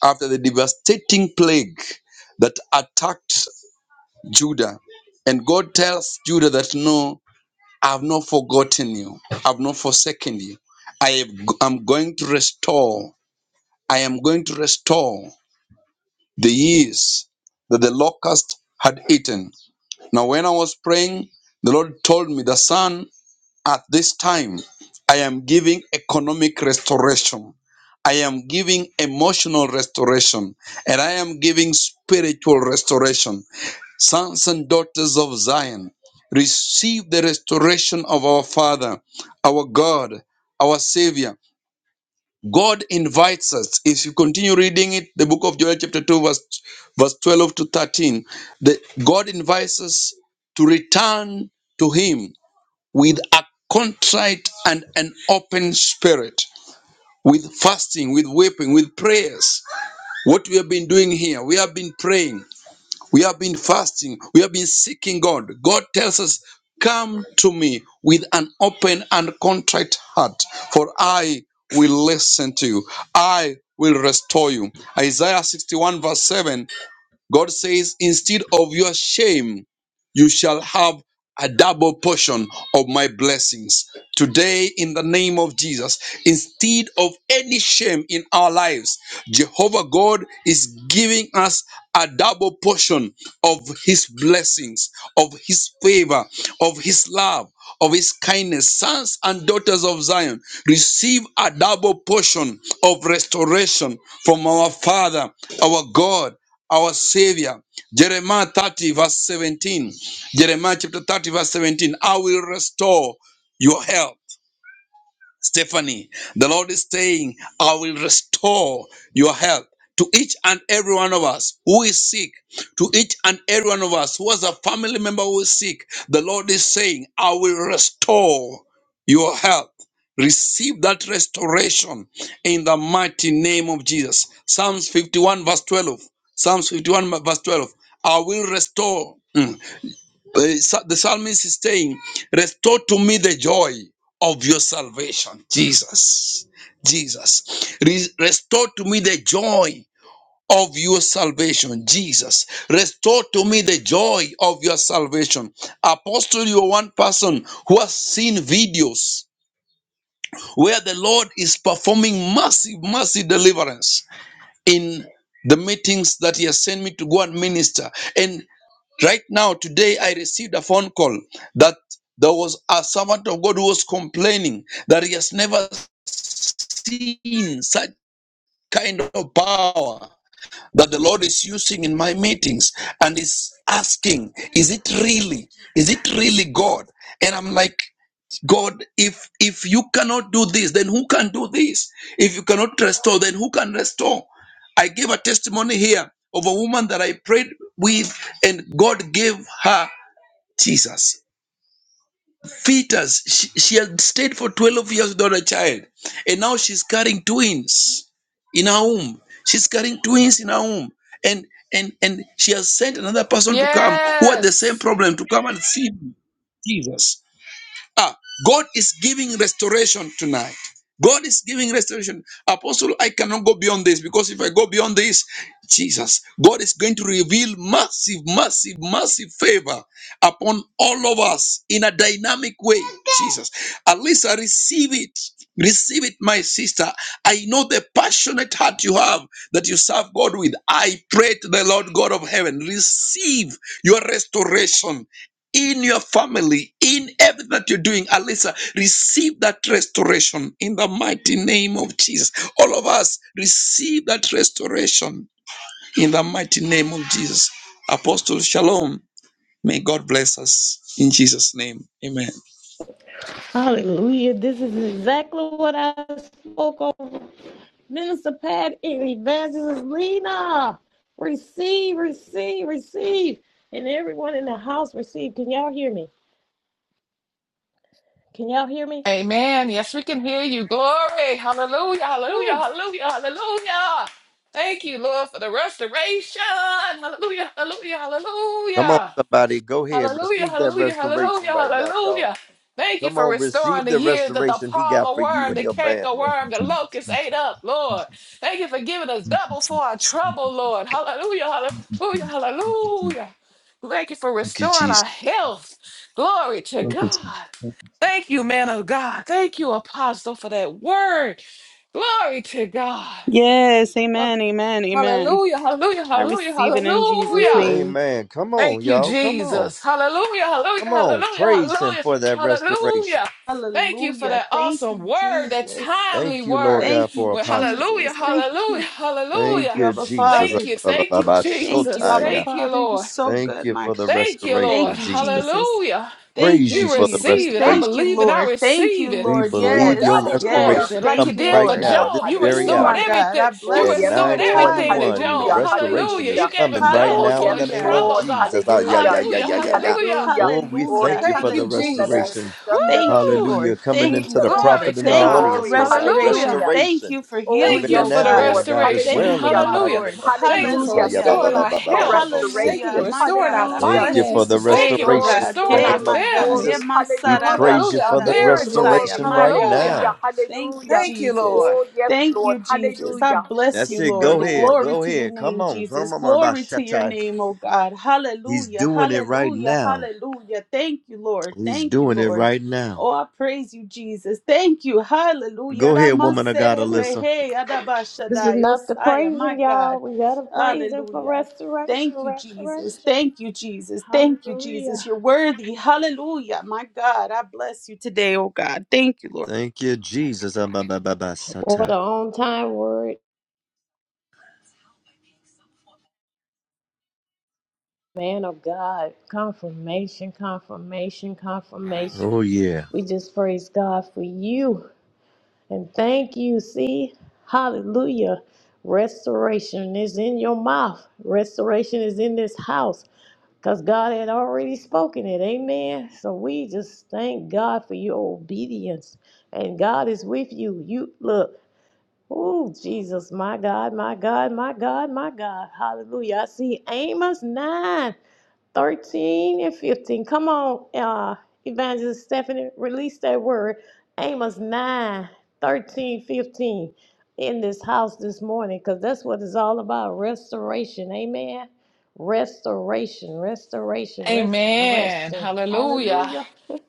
F: after the devastating plague that attacked Judah. And God tells Judah that, No, I've not forgotten you, I've not forsaken you. I am I'm going to restore, I am going to restore the years that the locust had eaten. Now, when I was praying, the Lord told me, The son, at this time, I am giving economic restoration. I am giving emotional restoration and I am giving spiritual restoration. Sons and daughters of Zion, receive the restoration of our Father, our God, our Savior. God invites us. If you continue reading it, the book of Joel, chapter 2, verse, verse 12 to 13, the, God invites us to return to Him with a contrite and an open spirit, with fasting, with weeping, with prayers. What we have been doing here, we have been praying. We have been fasting. We have been seeking God. God tells us, Come to me with an open and contrite heart, for I will listen to you. I will restore you. Isaiah 61, verse 7, God says, Instead of your shame, you shall have a double portion of my blessings today in the name of Jesus. Instead of any shame in our lives, Jehovah God is giving us a double portion of his blessings, of his favor, of his love, of his kindness. Sons and daughters of Zion, receive a double portion of restoration from our Father, our God our Savior. Jeremiah 30, verse 17. Jeremiah chapter 30, verse 17. I will restore your health. Stephanie, the Lord is saying, I will restore your health to each and every one of us who is sick, to each and every one of us who has a family member who is sick. The Lord is saying, I will restore your health. Receive that restoration in the mighty name of Jesus. Psalms 51, verse 12. Psalms 51, verse 12. I will restore uh, sa- the psalmist is saying, Restore to me the joy of your salvation, Jesus. Jesus. Re- restore to me the joy of your salvation, Jesus. Restore to me the joy of your salvation. Apostle, you are one person who has seen videos where the Lord is performing massive, massive deliverance in the meetings that he has sent me to go and minister. And right now, today, I received a phone call that there was a servant of God who was complaining that he has never seen such kind of power that the Lord is using in my meetings and is asking, is it really? Is it really God? And I'm like, God, if if you cannot do this, then who can do this? If you cannot restore, then who can restore? I gave a testimony here of a woman that I prayed with, and God gave her Jesus. Fetus. She, she had stayed for 12 years without a child, and now she's carrying twins in her womb. She's carrying twins in her womb, and and and she has sent another person to come who had the same
C: Yes.
F: problem to come and see Jesus. Ah, God is giving restoration tonight. God is giving restoration. Apostle, I cannot go beyond this because if I go beyond this, Jesus, God is going to reveal massive, massive, massive favor upon all of us in a dynamic way. Jesus, at least I receive it. Receive it, my sister. I know the passionate heart you have that you serve God with. I pray to the Lord God of heaven, receive your restoration in your family, in everything that you're doing, Alisa, receive that restoration in the mighty name of Jesus. All of us receive that restoration in the mighty name of Jesus. Apostle Shalom, may God bless us in Jesus' name. Amen.
A: Hallelujah. This is exactly what I spoke over. Minister Pat and Evangelist Lena. Receive, receive, receive. And everyone in the house receive. Can y'all hear me? Can y'all hear me?
C: Amen. Yes, we can hear you. Glory. Hallelujah, hallelujah,
A: Whew.
C: hallelujah, hallelujah. Thank you, Lord, for the restoration. Hallelujah, hallelujah,
B: Come on,
C: hallelujah.
B: somebody, go ahead.
C: Hallelujah,
B: Receive that
C: hallelujah,
B: restoration
C: hallelujah,
B: right now, y'all.
C: hallelujah. Thank you
B: Come
C: for
B: on,
C: restoring
B: receive
C: the
B: the
C: years that the
B: restoration he got
C: palmer
B: for you
C: worm,
B: and
C: the
B: your
C: canker
B: family.
C: worm, the locust ate up, Lord. Thank you for giving us double for our trouble, Lord. Hallelujah, hallelujah,
F: Thank
C: hallelujah. Thank you for
F: you,
C: restoring our
F: Jesus.
C: health. Glory to
F: Thank you, Jesus.
C: God. Thank you, man of God. Thank you, apostle, for that word. Glory to God.
D: Yes, amen, amen, amen.
C: Hallelujah, hallelujah,
D: I
C: hallelujah,
D: receive it in Jesus'
B: Woo,
C: hallelujah.
D: name.
B: amen. Come on,
C: Thank you,
B: y'all. Come on.
C: Jesus. Hallelujah, hallelujah,
B: Come on.
C: hallelujah,
B: Praise him
C: hallelujah,
B: for that restoration.
C: hallelujah. Thank you for
D: Hallelujah.
C: that
D: Thank
C: awesome
D: you,
C: word, that
D: Jesus.
C: timely
B: Thank you, Lord
C: word.
B: God,
D: Thank
B: for
D: you,
C: Well,
B: apostle.
C: hallelujah,
D: Jesus. Thank you.
C: hallelujah,
D: Thank
B: Thank
D: you,
C: hallelujah.
B: you,
D: Abba
B: Jesus.
C: Thank
D: Father.
C: you, thank you,
D: Thank you,
C: Jesus.
D: Abba
B: Shotaya.
C: Thank you,
D: Father. You're
C: Lord.
D: so
B: Thank
D: good,
B: you
D: my
B: for
D: God.
B: the
C: Thank you, Lord.
D: Thank
B: restoration,
D: you,
B: Jesus.
D: Jesus.
C: Hallelujah.
D: Thank
B: Praise
C: We
D: you,
B: you for the
D: Jesus.
C: receive it. I
B: restoration.
D: Thank you,
C: believe it. I
D: Lord. Thank
C: receive
D: you,
C: it.
E: Yes,
B: We
D: Lord.
C: A
E: Lord.
B: believe
D: Yes,
B: your
C: double
B: restoration
E: Hallelujah.
D: yes.
C: portion, like
D: Thank
C: you
B: coming
D: you,
C: did
E: Yes,
B: right
C: for
D: Lord.
B: now,
E: Lord.
B: this
C: Job. You
B: very
D: Oh,
C: restored
E: Hallelujah.
B: hour.
D: my God. I
C: everything.
E: Oh,
C: You
B: At
D: bless
E: yes,
D: you.
C: restored
E: Lord.
C: everything to
B: 921, the
C: Job.
E: Hallelujah.
D: Hallelujah.
B: restoration
C: Hallelujah.
B: is
C: You
E: Hallelujah.
C: gave
B: coming
C: him
B: right
C: double
E: Oh,
B: now in
C: for
E: yes,
B: the
C: his
B: name
D: Hallelujah.
B: of
C: trouble,
E: Lord.
C: God.
B: Jesus. Ah, yeah,
E: Hallelujah.
B: yeah, yeah,
C: Hallelujah.
B: yeah, yeah,
D: Hallelujah.
B: yeah.
C: Hallelujah.
E: Hallelujah.
B: Oh, we
E: Oh, they
D: Hallelujah.
B: thank you
C: Thank
B: for
E: teach
C: you,
B: the
E: each other
D: Hallelujah.
C: Jesus.
E: to
B: restoration.
E: shun the
D: Thank
E: living.
D: you,
C: Woo!
B: Hallelujah.
D: Lord.
B: Coming
D: Thank
E: Each
D: you,
B: into the
E: other.
D: Father.
C: Glory
B: prophet in
C: to
B: the
D: Thank you
C: God.
D: for
B: audience,
E: Glory.
B: Lord God.
D: restoration.
C: Hallelujah.
E: Hallelujah.
D: Thank
B: Restoration.
D: you for
E: Oh,
C: Thank
B: Even
D: healing,
C: you
E: yes,
B: in
D: oh
C: for
B: that
C: the
D: God.
B: man
E: Lord.
B: of God as
C: restoration.
D: Thank
B: well,
D: you,
B: in
E: Hallelujah.
B: the
D: my
B: mighty
C: Hallelujah.
D: Lord.
B: name of
C: Thank you
B: Jesus.
C: for
B: Ah,
E: Hallelujah.
B: yeah, ba,
D: Hallelujah.
B: ba,
C: restoring
B: ba,
C: our
E: Thank
B: ba,
E: you
B: ba,
E: for
B: ba, ba, ba,
C: health. Thank you
D: Hallelujah,
C: for
E: restoration.
B: safety.
D: my
C: restoring our
D: God. I
E: Hallelujah.
B: Thank you
D: bless you
B: for the
C: finances.
E: Oh,
C: Thank
D: today,
C: you
D: oh
C: for
B: restoration
E: glory,
D: God.
B: in
C: restoring
B: the
D: Hey,
C: our
B: name
E: glory,
D: my
B: of
D: God.
C: family.
D: Eh,
E: glory.
B: Jesus.
D: my
B: We
E: Hallelujah.
B: praise you
C: Hallelujah. Our
B: for the
D: Sarabashadai,
E: Oh,
C: marriages.
D: Osaya,
E: glory.
B: restoration
D: my
B: right
D: God.
C: Hallelujah.
E: Hallelujah.
B: now.
D: Thank you,
E: Hallelujah.
C: Thank you,
D: Jesus.
C: Lord.
E: Oh, yes,
D: Thank
E: Lord.
D: you, Jesus. I
E: Hallelujah.
D: bless
B: That's
D: you,
E: Thank
B: it.
E: you,
D: Lord.
B: Go
E: Lord.
B: ahead.
D: Glory
B: Go
D: to your
B: ahead. Come
D: name,
B: on.
D: Jesus.
B: Come on, my
D: Glory to your
B: Shatai.
D: name, oh God.
B: He's
D: Hallelujah.
B: doing it right
D: Hallelujah.
B: now.
D: Hallelujah. Thank you, Lord.
B: He's
D: Thank you,
B: doing it
D: Lord.
B: right now.
D: Oh, I praise you, Jesus. Thank you. Hallelujah.
B: Go ahead, woman of God, Alyssa.
D: Ramaserebrehe
A: This is
D: adabashadai.
A: enough to
D: Osaya,
A: praise
D: My
A: him, y'all.
D: God.
A: We gotta praise him for
D: Hallelujah.
A: restoration,
D: Thank you, Jesus.
A: restoration.
D: Thank you, Jesus. Thank you, Jesus.
A: Hallelujah.
D: You're worthy. Hallelujah. My God, I bless you today, oh God. Thank you, Lord.
B: Thank you, Jesus. Ah, ba, ba, ba, ba,
A: What
B: sata.
A: an on time word, man of God. Confirmation, confirmation, confirmation.
B: Oh, yeah.
A: We just praise God for you and thank you. See, hallelujah. Restoration is in your mouth, restoration is in this house. Because God had already spoken it. Amen. So we just thank God for your obedience. And God is with you. You look. Oh, Jesus, my God, my God, my God, my God. Hallelujah. I see Amos 9. 13 and 15. Come on, uh, Evangelist Stephanie, release that word. Amos 9, 13, 15, in this house this morning because that's what it's all about restoration. Amen. Restoration, restoration,
C: Amen.
A: restoration.
C: Hallelujah.
A: Hallelujah.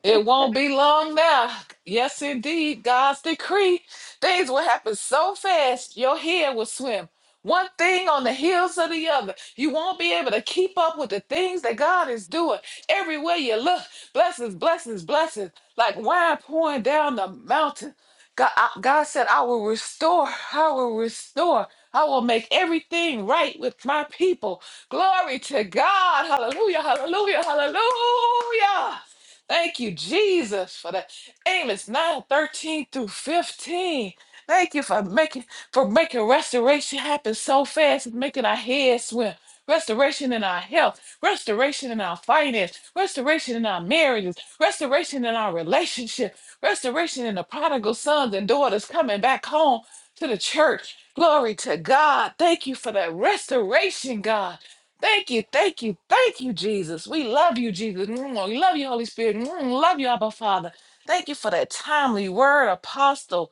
C: It won't be long now. Yes, indeed, God's decree. Things will happen so fast, your head will swim. One thing on the heels of the other. You won't be able to keep up with the things that God is doing. Everywhere you look, blessings, blessings, blessings, like wine pouring down the mountain. God, I- God said, I will restore, I will restore, I will make everything right with my people. Glory to God. Hallelujah, hallelujah, hallelujah. Thank you, Jesus, for that. Amos 9 13 through 15. Thank you for making for making restoration happen so fast It's making our heads swim. Restoration in our health, restoration in our finance, restoration in our marriages, restoration in our relationship, restoration in the prodigal sons and daughters coming back home to the church. Glory to God. Thank you for that restoration, God. Thank you, thank you, thank you, Jesus. We love you, Jesus. Mm, We love you, Holy Spirit. Mm, We love you, Abba Father. Thank you for that timely word, Apostle.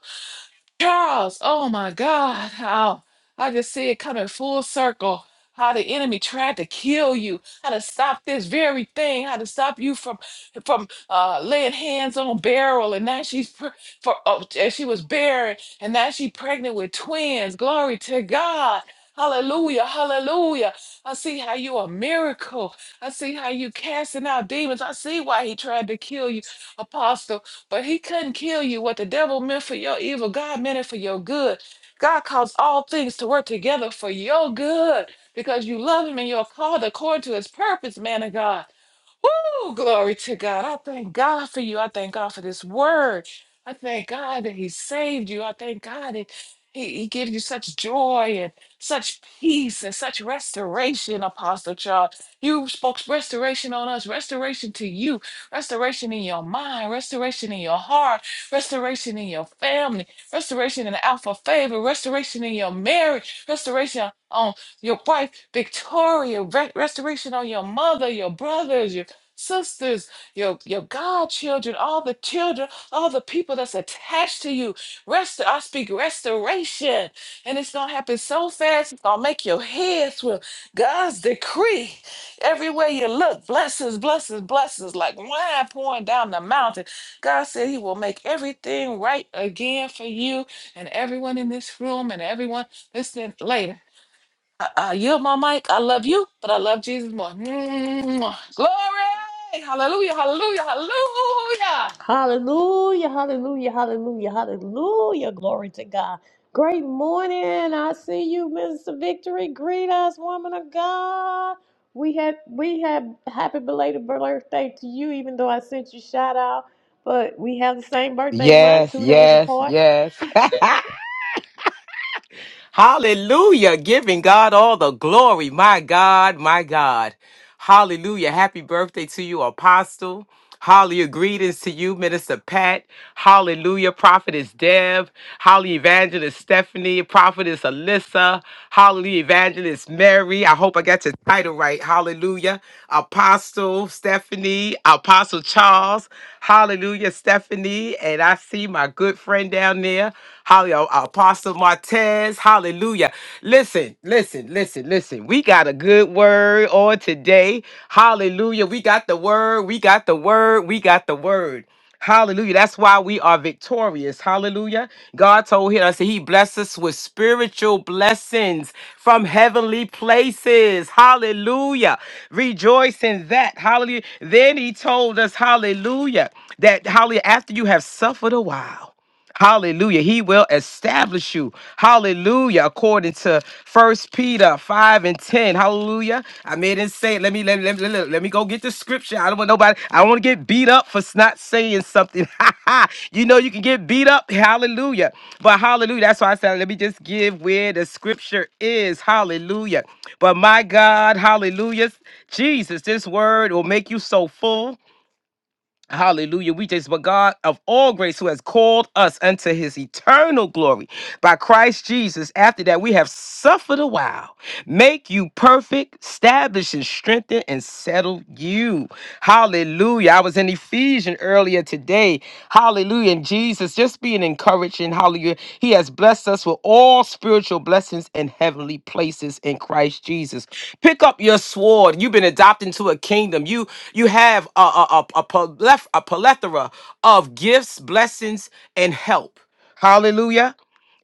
C: Charles, oh my God, how I just see it coming full circle. How the enemy tried to kill you, how to stop this very thing, how to stop you from from uh, laying hands on Beryl, and now she's pre- for oh, and she was barren, and now she's pregnant with twins. Glory to God. Hallelujah, hallelujah. I see how you a miracle. I see how you casting out demons. I see why he tried to kill you, Apostle. But he couldn't kill you. What the devil meant for your evil, God meant it for your good. God calls all things to work together for your good because you love him and you're called according to his purpose, man of God. Oh, glory to God. I thank God for you. I thank God for this word. I thank God that He saved you. I thank God that He, he gives you such joy and such peace and such restoration, Apostle Charles. You spoke restoration on us, restoration to you, restoration in your mind, restoration in your heart, restoration in your family, restoration in the Alpha Favor, restoration in your marriage, restoration on your wife, Victoria, re- restoration on your mother, your brothers, Your sisters, your, your godchildren, all the children, all the people that's attached to you. Rest, I speak restoration. And it's going to happen so fast, it's going to make your head swim. God's decree. Everywhere you look, blessings, blessings, blessings, like wine pouring down the mountain. God said He will make everything right again for you and everyone in this room and everyone listening later. I, I yield my mic. I love you, but I love Jesus more. Mwah. Glory. Hallelujah. Hallelujah. Hallelujah.
A: Hallelujah, hallelujah, hallelujah, hallelujah. Glory to God. Great morning. I see you, Mr. Victory. Greet us, woman of God. We had we have happy belated birthday to you, even though I sent you shout out. But we have the same birthday month,
I: Yes,
A: two days
I: yes,
A: apart.
I: yes. Hallelujah. Giving God all the glory. My God, my God. Hallelujah. Happy birthday to you, Apostle. Hallelujah. Greetings to you, Minister Pat. Hallelujah. Prophetess Deb. Hallelujah. Evangelist Stephanie. Prophetess Alyssa. Hallelujah. Evangelist Mary. I hope I got your title right. Hallelujah. Apostle Stephanie. Apostle Charles. Hallelujah. Stephanie. And I see my good friend down there. Hallelujah. Apostle Martez. Hallelujah. Listen, listen, listen, listen. We got a good word on today. Hallelujah. We got the word. We got the word. We got the word. Hallelujah. That's why we are victorious. Hallelujah. God told him, I said, He blessed us with spiritual blessings from heavenly places. Hallelujah. Rejoice in that. Hallelujah. Then he told us, Hallelujah, that hallelujah, after you have suffered a while. Hallelujah. He will establish you. Hallelujah. According to First Peter 5 and 10. Hallelujah. I made it say it. Let me let, me- let, me- let, me- go get the scripture. I don't want nobody. I don't want to get beat up for s- not saying something. you know you can get beat up. Hallelujah. But hallelujah. That's why I said let me just give where the scripture is. Hallelujah. But my God, hallelujah. Jesus, this word will make you so full. Hallelujah. We just, but God of all grace, who has called us unto his eternal glory by Christ Jesus, after that we have suffered a while, make you perfect, establish and strengthen and settle you. Hallelujah. I was in Ephesians earlier today. Hallelujah. And Jesus, just being encouraged in hallelujah. He has blessed us with all spiritual blessings in heavenly places in Christ Jesus. Pick up your sword. You've been adopted into a kingdom. You you have a, a, a, a, pleth- a plethora of gifts, blessings, and help. Hallelujah.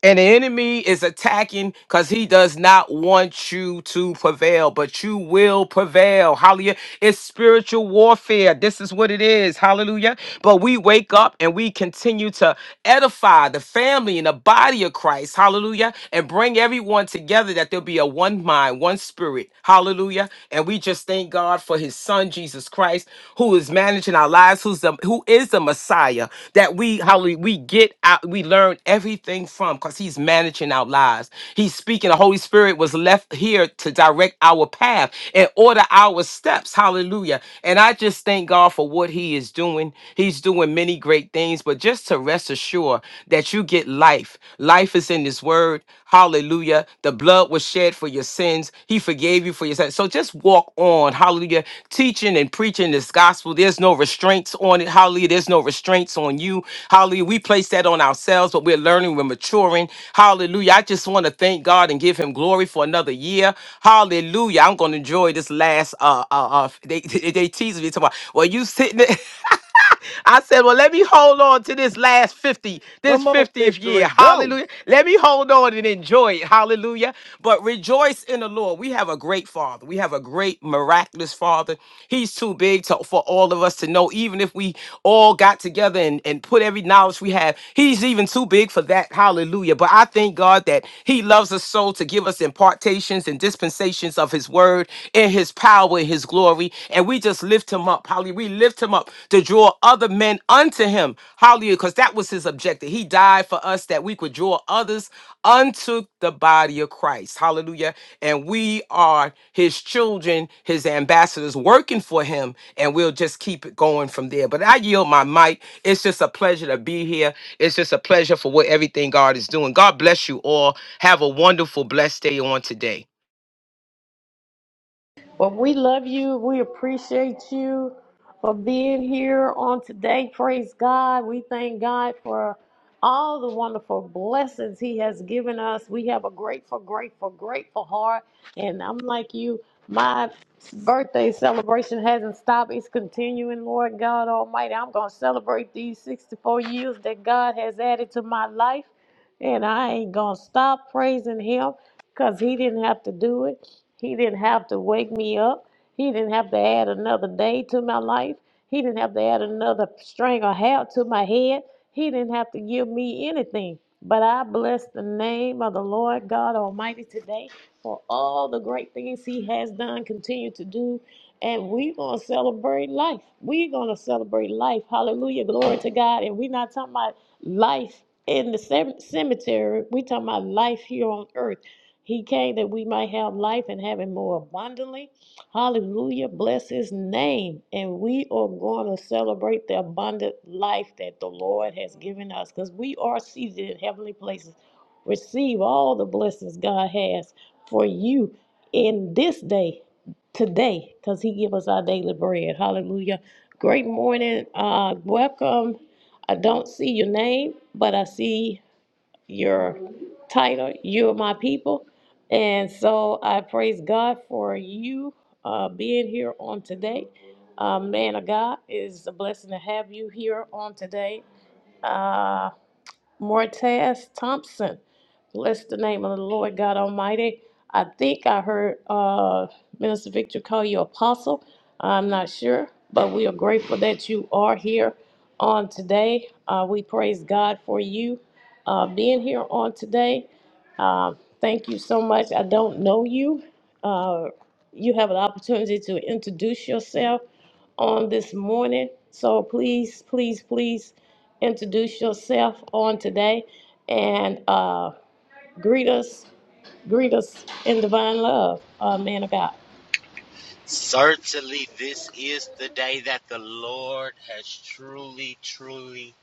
I: And the enemy is attacking because he does not want you to prevail, but you will prevail. Hallelujah. It's spiritual warfare. This is what it is. Hallelujah. But we wake up and we continue to edify the family and the body of Christ. Hallelujah. And bring everyone together that there'll be a one mind, one spirit. Hallelujah. And we just thank God for his son, Jesus Christ who is managing our lives, who's the who is the Messiah that we hallelujah we get out, we learn everything from because he's managing our lives. He's speaking. The Holy Spirit was left here to direct our path and order our steps. Hallelujah. And I just thank God for what he is doing. He's doing many great things, but just to rest assured that you get life. Life is in his word. Hallelujah. The blood was shed for your sins. He forgave you for your sins. So just walk on. Hallelujah. Teaching and preaching this gospel. There's no restraints on it. Hallelujah. There's no restraints on you. Hallelujah. We place that on ourselves, but we're learning, we're maturing. Hallelujah. I just want to thank God and give him glory for another year. Hallelujah. I'm going to enjoy this last uh uh, uh they they, tease me talking about, well you sitting there I said, well, let me hold on to this last 50, this
B: Come on,
I: 50th
B: victory.
I: year.
B: Go.
I: Hallelujah. Let me hold on and enjoy it. Hallelujah. But rejoice in the Lord. We have a great father. We have a great miraculous father. He's too big to, for all of us to know, even if we all got together and, and put every knowledge we have. He's even too big for that. Hallelujah. But I thank God that he loves loves us so to give us impartations and dispensations of his word in his power, in his glory. And we just lift him up. Hallelujah. We lift him up to draw other men unto him. Hallelujah. Because that was his objective. He died for us that we could draw others unto the body of Christ. Hallelujah. And we are his children, his ambassadors working for him. And we'll just keep it going from there. But I yield my mic. It's just a pleasure to be here. It's just a pleasure for what everything God is doing. God bless you all. Have a wonderful, blessed day on today.
A: Well, we love you. We appreciate you for being here on today. Praise God. We thank God for all the wonderful blessings He has given us. We have a grateful, grateful, grateful heart. And I'm like you, my birthday celebration hasn't stopped. It's continuing, Lord God Almighty. I'm going to celebrate these 64 years that God has added to my life. And I ain't going to stop praising Him because He didn't have to do it. He didn't have to wake me up. He didn't have to add another day to my life. He didn't have to add another string of hair to my head. He didn't have to give me anything. But I bless the name of the Lord God Almighty today for all the great things He has done, continue to do. And we're going to celebrate life. We're going to celebrate life. Hallelujah. Glory to God. And we're not talking about life in the cem- cemetery. We're talking about life here on earth he came that we might have life and have it more abundantly. Hallelujah. Bless his name. And we are going to celebrate the abundant life that the Lord has given us because we are seated in heavenly places. Receive all the blessings God has for you in this day, today, because he give us our daily bread. Hallelujah. Great morning. Uh, welcome. I don't see your name, but I see your title, You Are My People. And so I praise God for you uh, being here on today. Uh, man of God, it is a blessing to have you here on today. Uh, Mortez Thompson. Bless the name of the Lord God Almighty. I think I heard uh, Minister Victor call you apostle. I'm not sure, but we are grateful that you are here on today. Uh, we praise God for you uh, being here on today. Uh, thank you so much. I don't know you. Uh, you have an opportunity to introduce yourself on this morning. So please, please, please introduce yourself on today and uh, greet us, greet us in divine love, uh, man of God.
J: Certainly, this is the day that the Lord has truly, truly,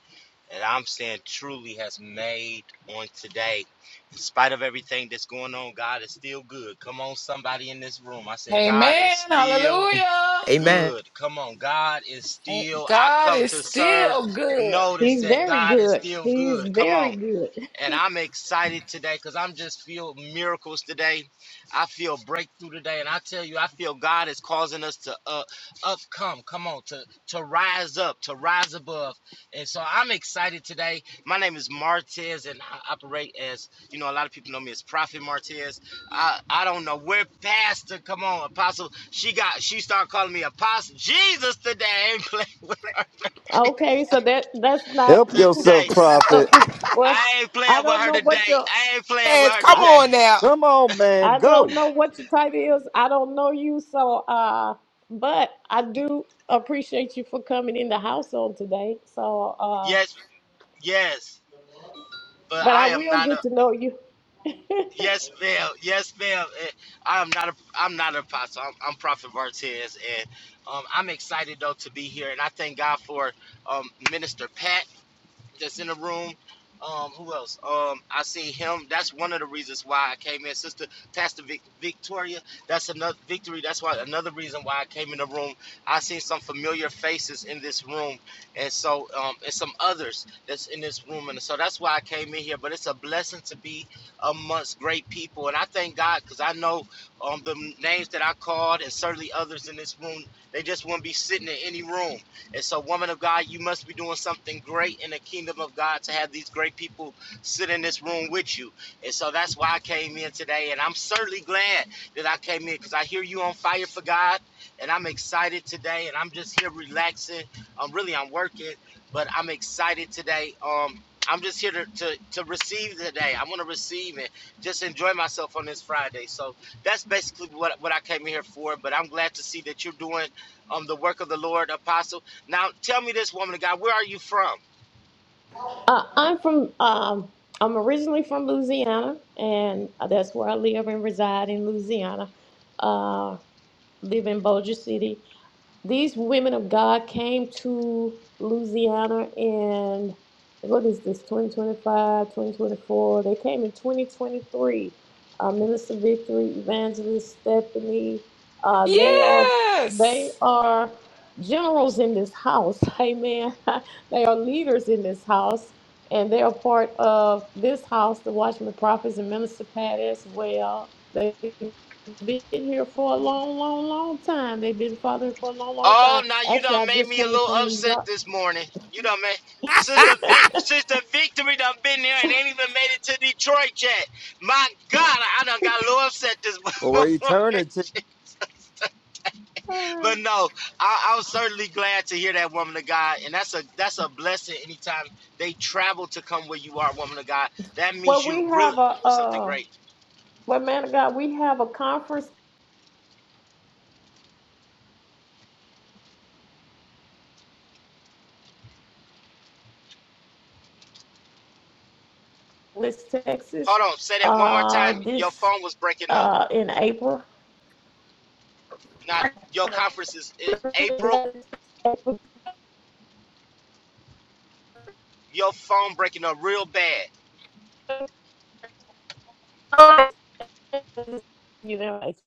J: and I'm saying truly, has made on today. In spite of everything that's going on, God is still good. Come on, somebody in this room. I say, God is
C: Amen.
J: still
C: Hallelujah.
I: Amen.
J: good. Come on, God is
C: Ain't-
J: still. I
C: God
J: come
C: is
J: to serve.
C: still good.
J: Notice
A: He's
J: that
A: very
J: God is
A: good.
J: still
A: He's
J: good. Come
A: very
J: on
A: good.
J: and I'm excited today because I'm just feel miracles today. I feel breakthrough today, and I tell you, I feel God is causing us to uh, up, come, come on, to to rise up, to rise above. And so I'm excited today. My name is Martez, and I operate as you know. A lot of people know me as Prophet Martez. I I don't know where Pastor. Come on, Apostle. She got she started calling me Apostle Jesus today. I ain't playing with her
A: Okay, so that that's not
B: Help yourself,
J: today.
B: prophet.
A: okay. Well,
J: I ain't playing
A: I
J: with
A: don't
J: her
A: know
J: today.
A: what your
J: I ain't playing with
I: Yes,
J: her
I: come
A: I
J: today.
I: on now.
B: Come on, man.
A: I don't
B: Go.
A: know what your title is. I don't know you, so uh, but I do appreciate you for coming in the house on today. So uh,
J: Yes, yes, but
A: but
J: I
A: I
J: am
A: will
J: not a
A: get to know you.
J: yes, ma'am. Yes, ma'am. Eh, I am not a I'm not an apostle. I'm, I'm Prophet Martez, and um, I'm excited though to be here, and I thank God for um, Minister Pat that's in the room. Um, who else? Um, I see him. That's one of the reasons why I came in, Sister Pastor Vic, Victoria. That's another victory. That's why another reason why I came in the room. I seen some familiar faces in this room, and so um, and some others that's in this room, and so that's why I came in here. But it's a blessing to be amongst great people, and I thank God because I know um, the names that I called, and certainly others in this room. They just wouldn't be sitting in any room. And so, woman of God, you must be doing something great in the kingdom of God to have these great people sit in this room with you. And so that's why I came in today. And I'm certainly glad that I came in because I hear you on fire for God. And I'm excited today. And I'm just here relaxing. I'm really, I'm working, but I'm excited today. Um, I'm just here to, to, to receive today. I want to receive and just enjoy myself on this Friday. So that's basically what, what I came in here for. But I'm glad to see that you're doing um, the work of the Lord, Apostle. Now tell me this woman of God, where are you from?
A: Uh, I'm from. Um, I'm originally from Louisiana, and that's where I live and reside in Louisiana. Uh, live in Bossier City, these women of God came to Louisiana in what is this 2025, 2024. they came in 2023 uh, minister victory evangelist stephanie uh, they are they
C: Yes.
A: are generals in this house amen they are leaders in this house and they are part of this house the watchman prophets and minister pat as well they been here for a long, long, long time. They've been fathering for a long, long
J: Oh,
A: time.
J: now you
A: Actually,
J: done
A: I
J: made
A: just
J: me a
A: came
J: little
A: from New
J: upset
A: York.
J: this morning. You done made Sister Vic, Sister Victory done been there and ain't even made it to Detroit yet. My God, I done got a little upset this
B: For
J: morning.
B: eternity.
J: but no, I, I was certainly glad to hear that woman of God, and that's a that's a blessing. Anytime they travel to come where you are, woman of God, that
A: Well,
J: means you
A: we
J: really
A: have a
J: doing something
A: uh,
J: great.
A: well, man of God, we have a conference in West
J: Hold
A: Texas.
J: on, say that one more
A: Uh,
J: time. Your
A: this
J: phone was breaking up.
A: uh in April.
J: Not your conference is in April. Your phone breaking up real bad.
A: You know, like,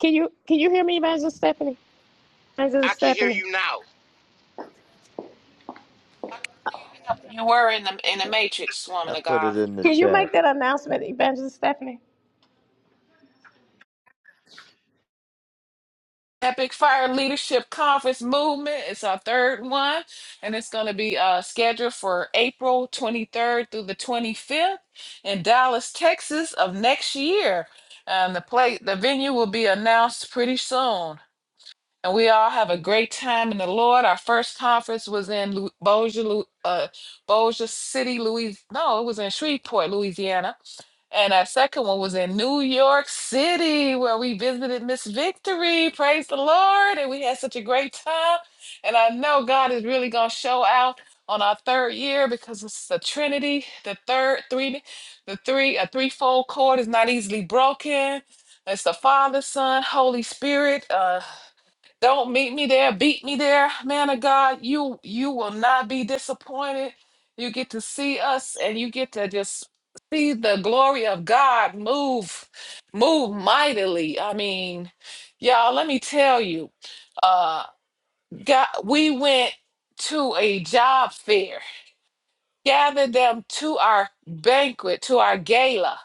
A: can you can you hear me, Evangelist Stephanie?
J: I
A: Evangelist
J: can hear
A: Stephanie,
J: you now.
C: You were in the in the matrix,
B: I
C: woman of
B: put
C: God.
B: it in the
A: can you
B: chat.
A: make that announcement, Evangelist Stephanie?
C: Epic Fire Leadership Conference Movement. It's our third one, and it's going to be uh, scheduled for April 23rd through the 25th in Dallas, Texas, of next year. And the play, the venue will be announced pretty soon. And we all have a great time in the Lord. Our first conference was in Lu- Bossier, Lu- uh, Bossier City, Louis. No, it was in Shreveport, Louisiana and our second one was in New York City, where we visited Miss Victory. Praise the Lord. And we had such a great time. And I know God is really going to show out on our third year because it's the Trinity, the third three, the three, a threefold cord is not easily broken. It's the Father, Son, Holy Spirit. Uh, don't meet me there, beat me there, man of God. You you will not be disappointed. You get to see us and you get to just see the glory of God move, move mightily. I mean, y'all, let me tell you, uh God, we went to a job fair, gathered them to our banquet, to our gala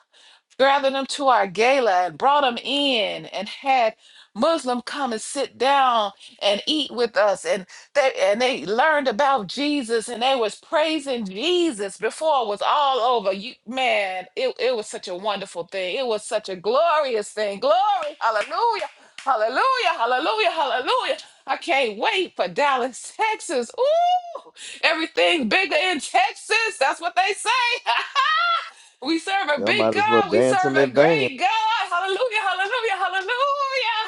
C: gathered them to our gala and brought them in and had Muslim come and sit down and eat with us and they and they learned about Jesus and they was praising Jesus before it was all over. You man, it, it was such a wonderful thing. It was such a glorious thing. Glory, hallelujah, hallelujah, hallelujah, hallelujah. I can't wait for Dallas, Texas. Ooh, everything bigger in Texas. That's what they say. We serve a
B: Y'all
C: big
B: might as well
C: God. We
B: dance
C: serve
B: in
C: a
B: advance.
C: great God. Hallelujah, hallelujah, hallelujah.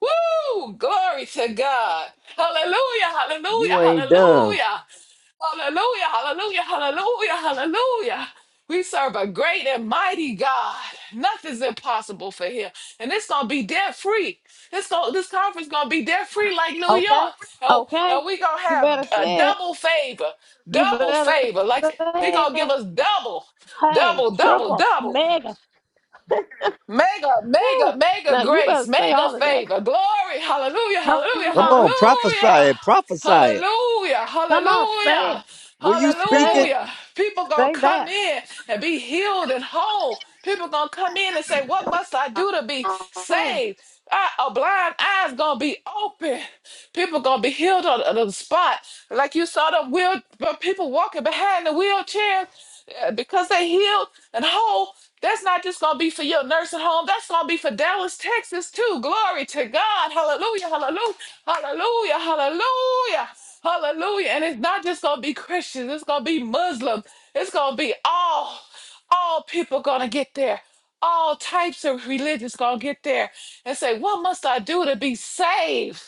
C: Woo! Glory to God. Hallelujah,
B: You
C: hallelujah,
B: ain't done.
C: hallelujah. Hallelujah, hallelujah, hallelujah, hallelujah. We serve a great and mighty God. Nothing's impossible for him. And it's gonna be debt free. This going this conference gonna be debt free like New
A: Okay,
C: York. And,
A: okay,
C: and we gonna
A: you
C: have
A: better
C: a
A: say it.
C: double favor,
A: You
C: double
A: better
C: favor. Like he
A: say
C: gonna give
A: it.
C: us double,
A: Hey,
C: double, double,
A: triple,
C: double.
A: mega.
C: Mega,
A: Woo.
C: mega, mega
A: Now you better
C: grace,
A: say
C: mega
A: all of that.
C: favor, glory, hallelujah,
A: Come
C: hallelujah,
B: Come
A: on.
B: on, prophesy it.
C: hallelujah,
B: Prophesy it.
C: hallelujah,
A: Come on, say it.
C: hallelujah,
B: Will you speak
A: Say
B: it?
A: it.
C: hallelujah. People gonna
A: Say
C: come
A: that.
C: in and be healed and whole. People gonna come in and say, What must I do to be
A: Come on.
C: saved? I, a blind eye's gonna be open. People gonna be healed on, on the spot. Like you saw the wheel, the people walking behind the wheelchair uh, because they healed and whole. That's not just going to be for your nursing home. That's going to be for Dallas, Texas, too. Glory to God. Hallelujah, hallelujah, hallelujah, hallelujah, hallelujah. And it's not just going to be Christians. It's going to be Muslims. It's going to be all, all people going to get there. All types of religions going to get there and say, what must I do to be saved?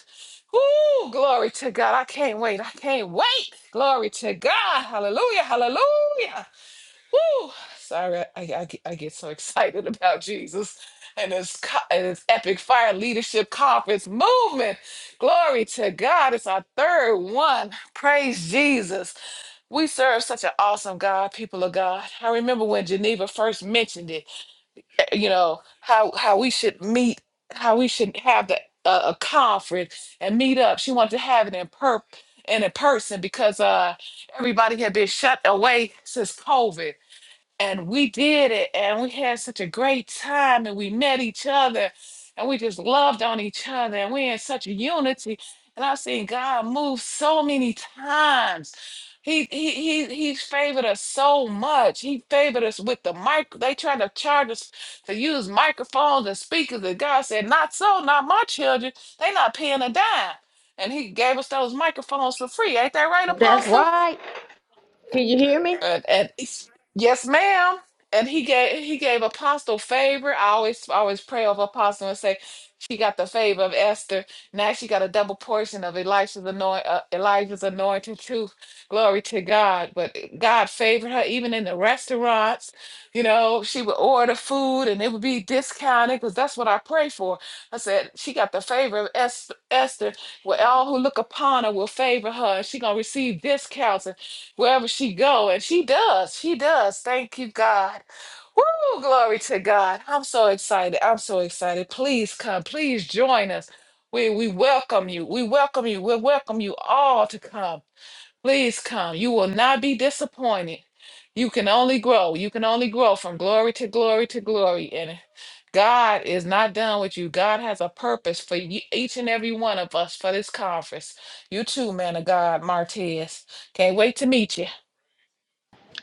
C: Ooh, glory to God. I can't wait. I can't wait. Glory to God. Hallelujah, hallelujah. Woo! Sorry, I, I, I get so excited about Jesus and his, co- and his epic fire leadership conference movement. Glory to God. It's our third one. Praise Jesus. We serve such an awesome God, people of God. I remember when Geneva first mentioned it, you know, how, how we should meet, how we should have the, uh, a conference and meet up. She wanted to have it in per in a person because uh everybody had been shut away since COVID and we did it and we had such a great time and we met each other and we just loved on each other and we in such a unity and i've seen god move so many times he he he He favored us so much he favored us with the mic they tried to charge us to use microphones and speakers and god said not so not my children they not paying a dime and he gave us those microphones for free ain't that right
A: That's
C: apostle
A: right. Can you hear me?
C: and, and yes, ma'am. And he gave he gave Apostle favor. I always always pray over Apostle and say she got the favor of Esther. Now she got a double portion of Elisha's anoint uh, Elijah's anointed truth. Glory to God. But God favored her even in the restaurants. You know, she would order food and it would be discounted because that's what I pray for. I said she got the favor of Es- Esther. Well, all who look upon her will favor her. She gonna receive discounts wherever she go and she does she does thank you god Woo, glory to god i'm so excited i'm so excited please come please join us we we welcome you we welcome you we welcome you all to come please come you will not be disappointed you can only grow you can only grow from glory to glory to glory and god is not done with you god has a purpose for ye- each and every one of us for this conference you too man of god martez can't wait to meet you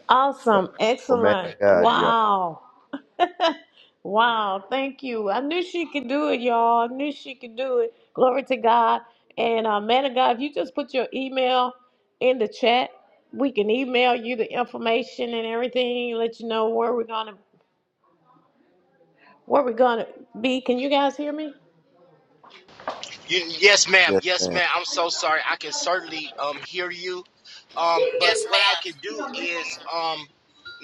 A: Awesome.
B: Oh, man of
A: Excellent.
B: God, y'all.
A: Wow. wow. Thank you. I knew she could do it, y'all. I knew she could do it. Glory to God. And uh, man of God, if you just put your email in the chat, we can email you the information and everything, let you know where we're gonna where we're gonna be. Can you guys hear me?
J: Y- yes, ma'am.
B: Yes,
J: Yes,
B: ma'am.
J: ma'am. I'm so sorry. I can certainly um hear you. Um, but
C: Yes,
J: what
C: ma'am.
J: I can do is um,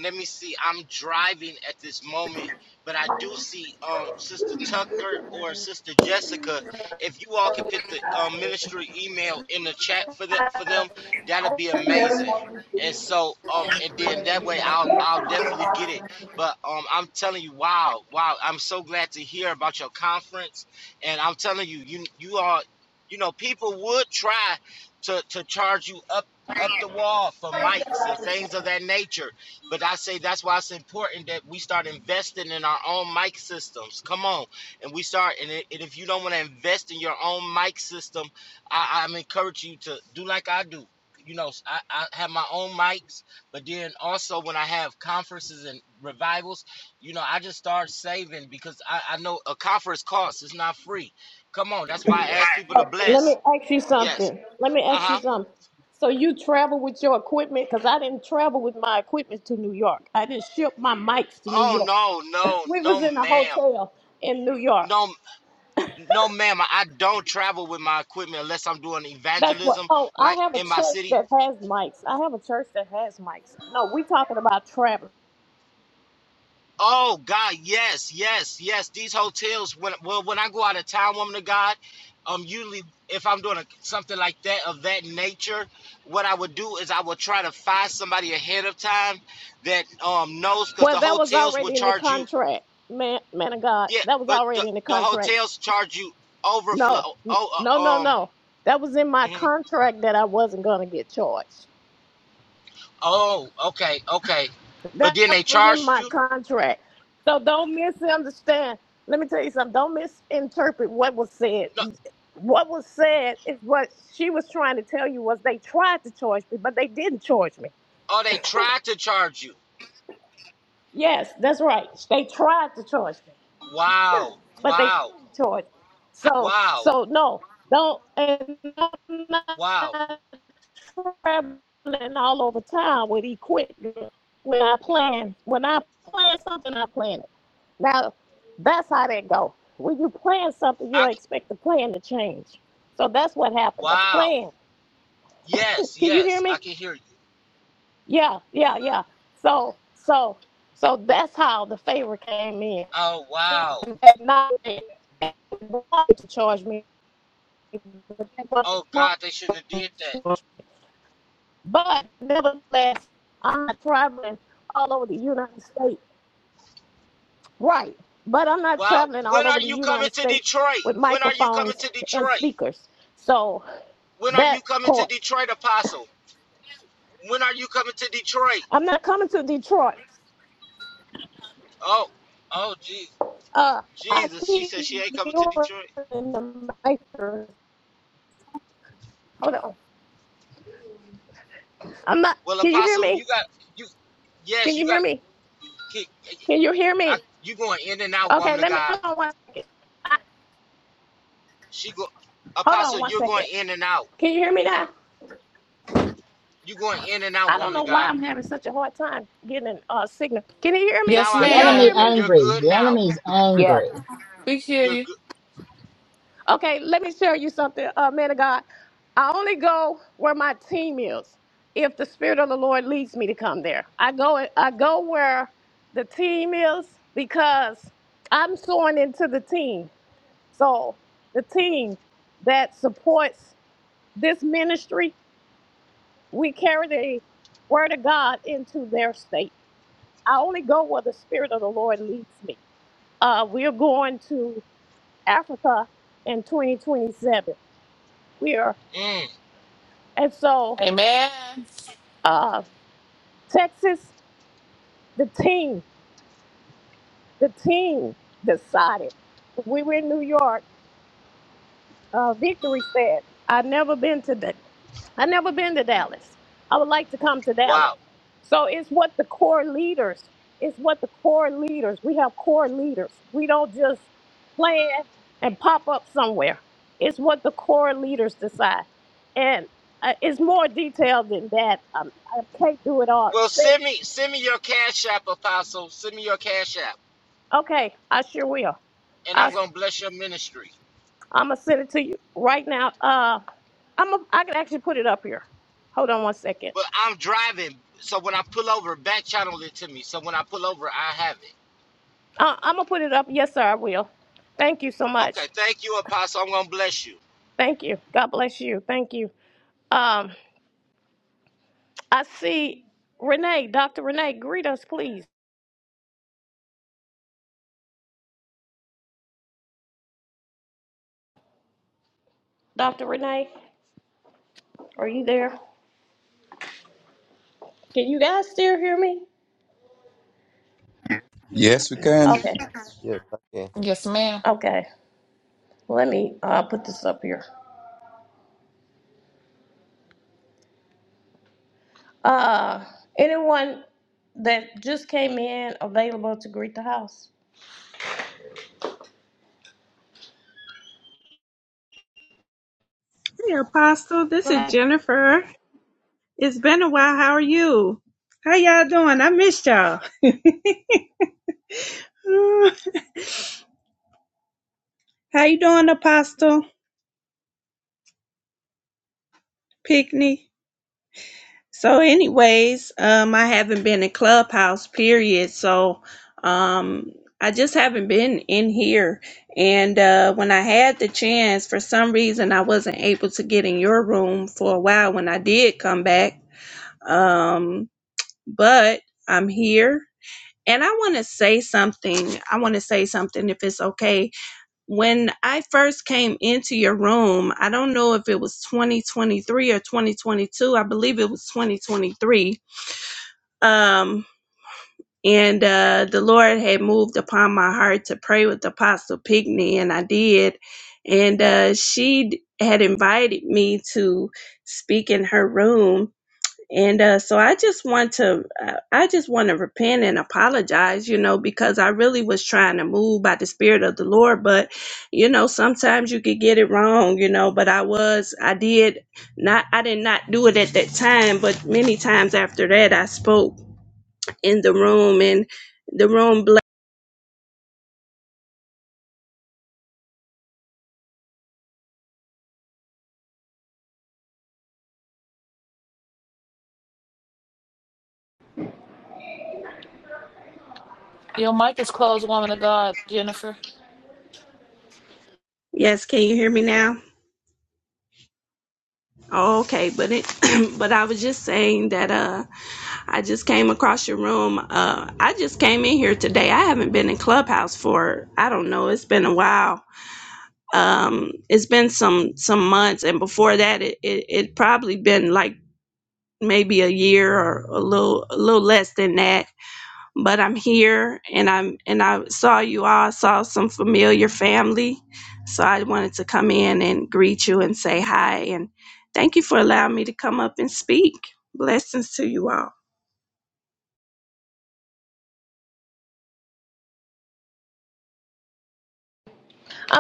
J: let me see. I'm driving at this moment, but I do see um Sister Tucker or Sister Jessica. If you all can put the um, ministry email in the chat for the for them, that'd be amazing. And so um and then that way I'll I'll definitely get it. But um I'm telling you, wow, wow. I'm so glad to hear about your conference and I'm telling you, you you are, you know, people would try to to charge you up up the wall for mics and things of that nature. But I say that's why it's important that we start investing in our own mic systems. Come on, and we start. And, i- and if you don't want to invest in your own mic system, I, I'm encourage you to do like I do. You know, I, I have my own mics, but then also when I have conferences and revivals. You know, I just started saving because I, I know a conference costs. It's not free. Come on, that's why I ask people to
A: Let
J: bless.
A: me ask you
J: Yes.
A: something. Let me
J: Uh
A: ask you
J: huh.
A: something. So you travel with your equipment? Because I didn't travel with my equipment to New York. I didn't ship my mics to New
J: Oh
A: York.
J: no, no,
A: We
J: no,
A: was in a
J: ma'am.
A: hotel in New York.
J: No, no, ma'am. I don't travel with my equipment unless I'm doing
A: That's what.
J: evangelism,
A: Oh,
J: like
A: I have a
J: in my
A: church
J: city.
A: that has mics. I have a church that has mics. No, we talking about traveling.
J: Oh God, yes, yes, yes. These hotels. When well, when I go out of town, woman of God, um, usually if I'm doing a, something like that of that nature, what I would do is I would try to find somebody ahead of time that um knows, because
A: Well,
J: the
A: that was
J: hotels will
A: already in the
J: charge you.
A: contract, man. Man of God,
J: Yeah,
A: that was
J: but the,
A: already in the
J: the
A: contract.
J: hotels charge you
A: No,
J: overflow.
A: n-
J: Oh,
A: no,
J: uh,
A: no,
J: um,
A: no. That was in my
J: mhm.
A: contract that I wasn't gonna get charged.
J: oh, okay, okay. But
A: That
J: then they
A: was in
J: charged
A: my
J: you.
A: contract. So don't misunderstand. Let me tell you something. Don't misinterpret what was said.
J: No,
A: What was said is what she was trying to tell you was they tried to charge me, but they didn't charge me.
J: oh, they tried to charge you.
A: Yes, that's right. They tried to charge me,
J: Wow,
A: but they
J: wow,
A: didn't charge me. So,
J: wow,
A: so no, don't. And I'm
J: wow.
A: not traveling all over town with equipment. When I plan, when I plan something, I plan it. Now, that's how that go. When you plan something, you
J: I.
A: expect the plan to change. So that's what happened. The
J: Wow.
A: plan.
J: Yes,
A: Can you hear
J: yes, I
A: me?
J: can hear you.
A: Yeah, yeah, yeah. So, so, so that's how the favor came in.
J: Oh wow.
A: Not to charge me, but
J: Oh God, they shouldn't have did that.
A: But nevertheless, I'm not traveling all over the United States. Right. But I'm not
J: Wow.
A: traveling
J: When
A: all over
J: are
A: the
J: you coming
A: United
J: to
A: States
J: Detroit?
A: with
J: When are you coming
A: microphones
J: to
A: and
J: Detroit?
A: speakers. So
J: When are you
A: that
J: coming to
A: part.
J: Detroit, Apostle? When are you coming to Detroit?
A: I'm not coming to Detroit.
J: Oh, oh, Jesus,
A: Uh I
J: Jesus. She
A: keep
J: said she ain't coming to
A: doing
J: Detroit.
A: the micro. Hold on. I'm not
J: Well,
A: can you hear
J: Apostle,
A: me?
J: you got you.
A: Can
J: Yes, you
A: you hear
J: got.
A: me? Can you hear
J: I,
A: me?
J: you going in and out,
A: Okay,
J: woman of
A: let me
J: God.
A: hold on one second.
J: She go.
A: Hold
J: Apostle,
A: on one
J: you're going
A: second.
J: in and out.
A: Can you hear me now?
J: You going in and out,
A: I don't
J: woman
A: know
J: of
A: why
J: God.
A: I'm having such a hard time getting a uh, signal. Can you hear me?
J: Now
C: Yes,
J: I
K: The
A: Can y'all
J: can.
K: enemy
A: hear
C: ma'am.
A: me?
J: You're
K: angry.
J: good
K: The
J: now.
K: enemy's
E: Yes.
K: angry.
C: We hear
J: You're
C: you.
J: good.
A: Okay, let me share you something, uh, man of God. I only go where my team is. If the Spirit of the Lord leads me to come there, I go. I go where the team is because I'm sowing into the team. So the team that supports this ministry, we carry the word of God into their state. I only go where the Spirit of the Lord leads me. Uh, we're going to Africa in 2027. We are,
J: Mm,
A: and so
C: Amen.
A: uh, Texas, the team, the team decided. We were in New York. Uh, Victory said, "I've never been to I've never been to Dallas. I would like to come to Dallas.
J: wow.
A: So it's what the core leaders, it's what the core leaders, we have core leaders. We don't just plan and pop up somewhere. It's what the core leaders decide. And uh, it's more detailed than that. Um, I can't do it all.
J: Well,
A: Say
J: send
A: it.
J: me send me your cash app, Apostle. Send me your cash app,
A: Okay, I sure will.
J: and I'm
A: I,
J: gonna bless your ministry.
A: I'm going to send it to you right now. Uh, I'm a, I can actually put it up here. Hold on one second.
J: But I'm driving, so when I pull over, back channel it to me. So when I pull over, I have it.
A: Uh, I'm going to put it up. Yes, sir, I will. Thank you so much.
J: Okay, thank you, Apostle. I'm gonna bless you.
A: Thank you. God bless you. Thank you. Um, I see Renee, Dr. Renee, greet us, please. Dr. Renee, are you there? Can you guys still hear me?
F: Yes, we can.
A: Okay.
B: Yes, I can.
C: Yes, ma'am.
A: Okay. Let me uh, put this up here. Uh, anyone that just came in available to greet the house?
L: Hey, Apostle. This is
A: I'm
L: Jennifer. It's been a while. How are you? How y'all doing? I missed y'all. Uh, How you doing, Apostle Pickney? So, anyways, um, I haven't been in Clubhouse, period. So, um, I just haven't been in here. And uh, when I had the chance, for some reason, I wasn't able to get in your room for a while when I did come back. Um, but I'm here And I want to say something. I want to say something if it's okay. When I first came into your room, I don't know if it was 2023 or 2022. I believe it was 2023. Um, and uh, the Lord had moved upon my heart to pray with Apostle Pigney, and I did. And uh, she d- had invited me to speak in her room and uh, so i just want to uh, i just want to repent and apologize you know because i really was trying to move by the spirit of the lord but you know sometimes you could get it wrong you know but i was i did not i did not do it at that time but many times after that i spoke in the room and the room bla-
C: Your mic is closed, woman of God, Jennifer.
L: yes can you hear me now oh, okay but it but i was just saying that uh I just came across your room. Uh, I just came in here today. I haven't been in Clubhouse for I don't know. It's been a while. Um, it's been some some months, and before that, it it, it probably been like maybe a year or a little a little less than that but I'm here and I'm and I saw you all, saw some familiar family. So I wanted to come in and greet you and say hi and thank you for allowing me to come up and speak. Blessings to you all.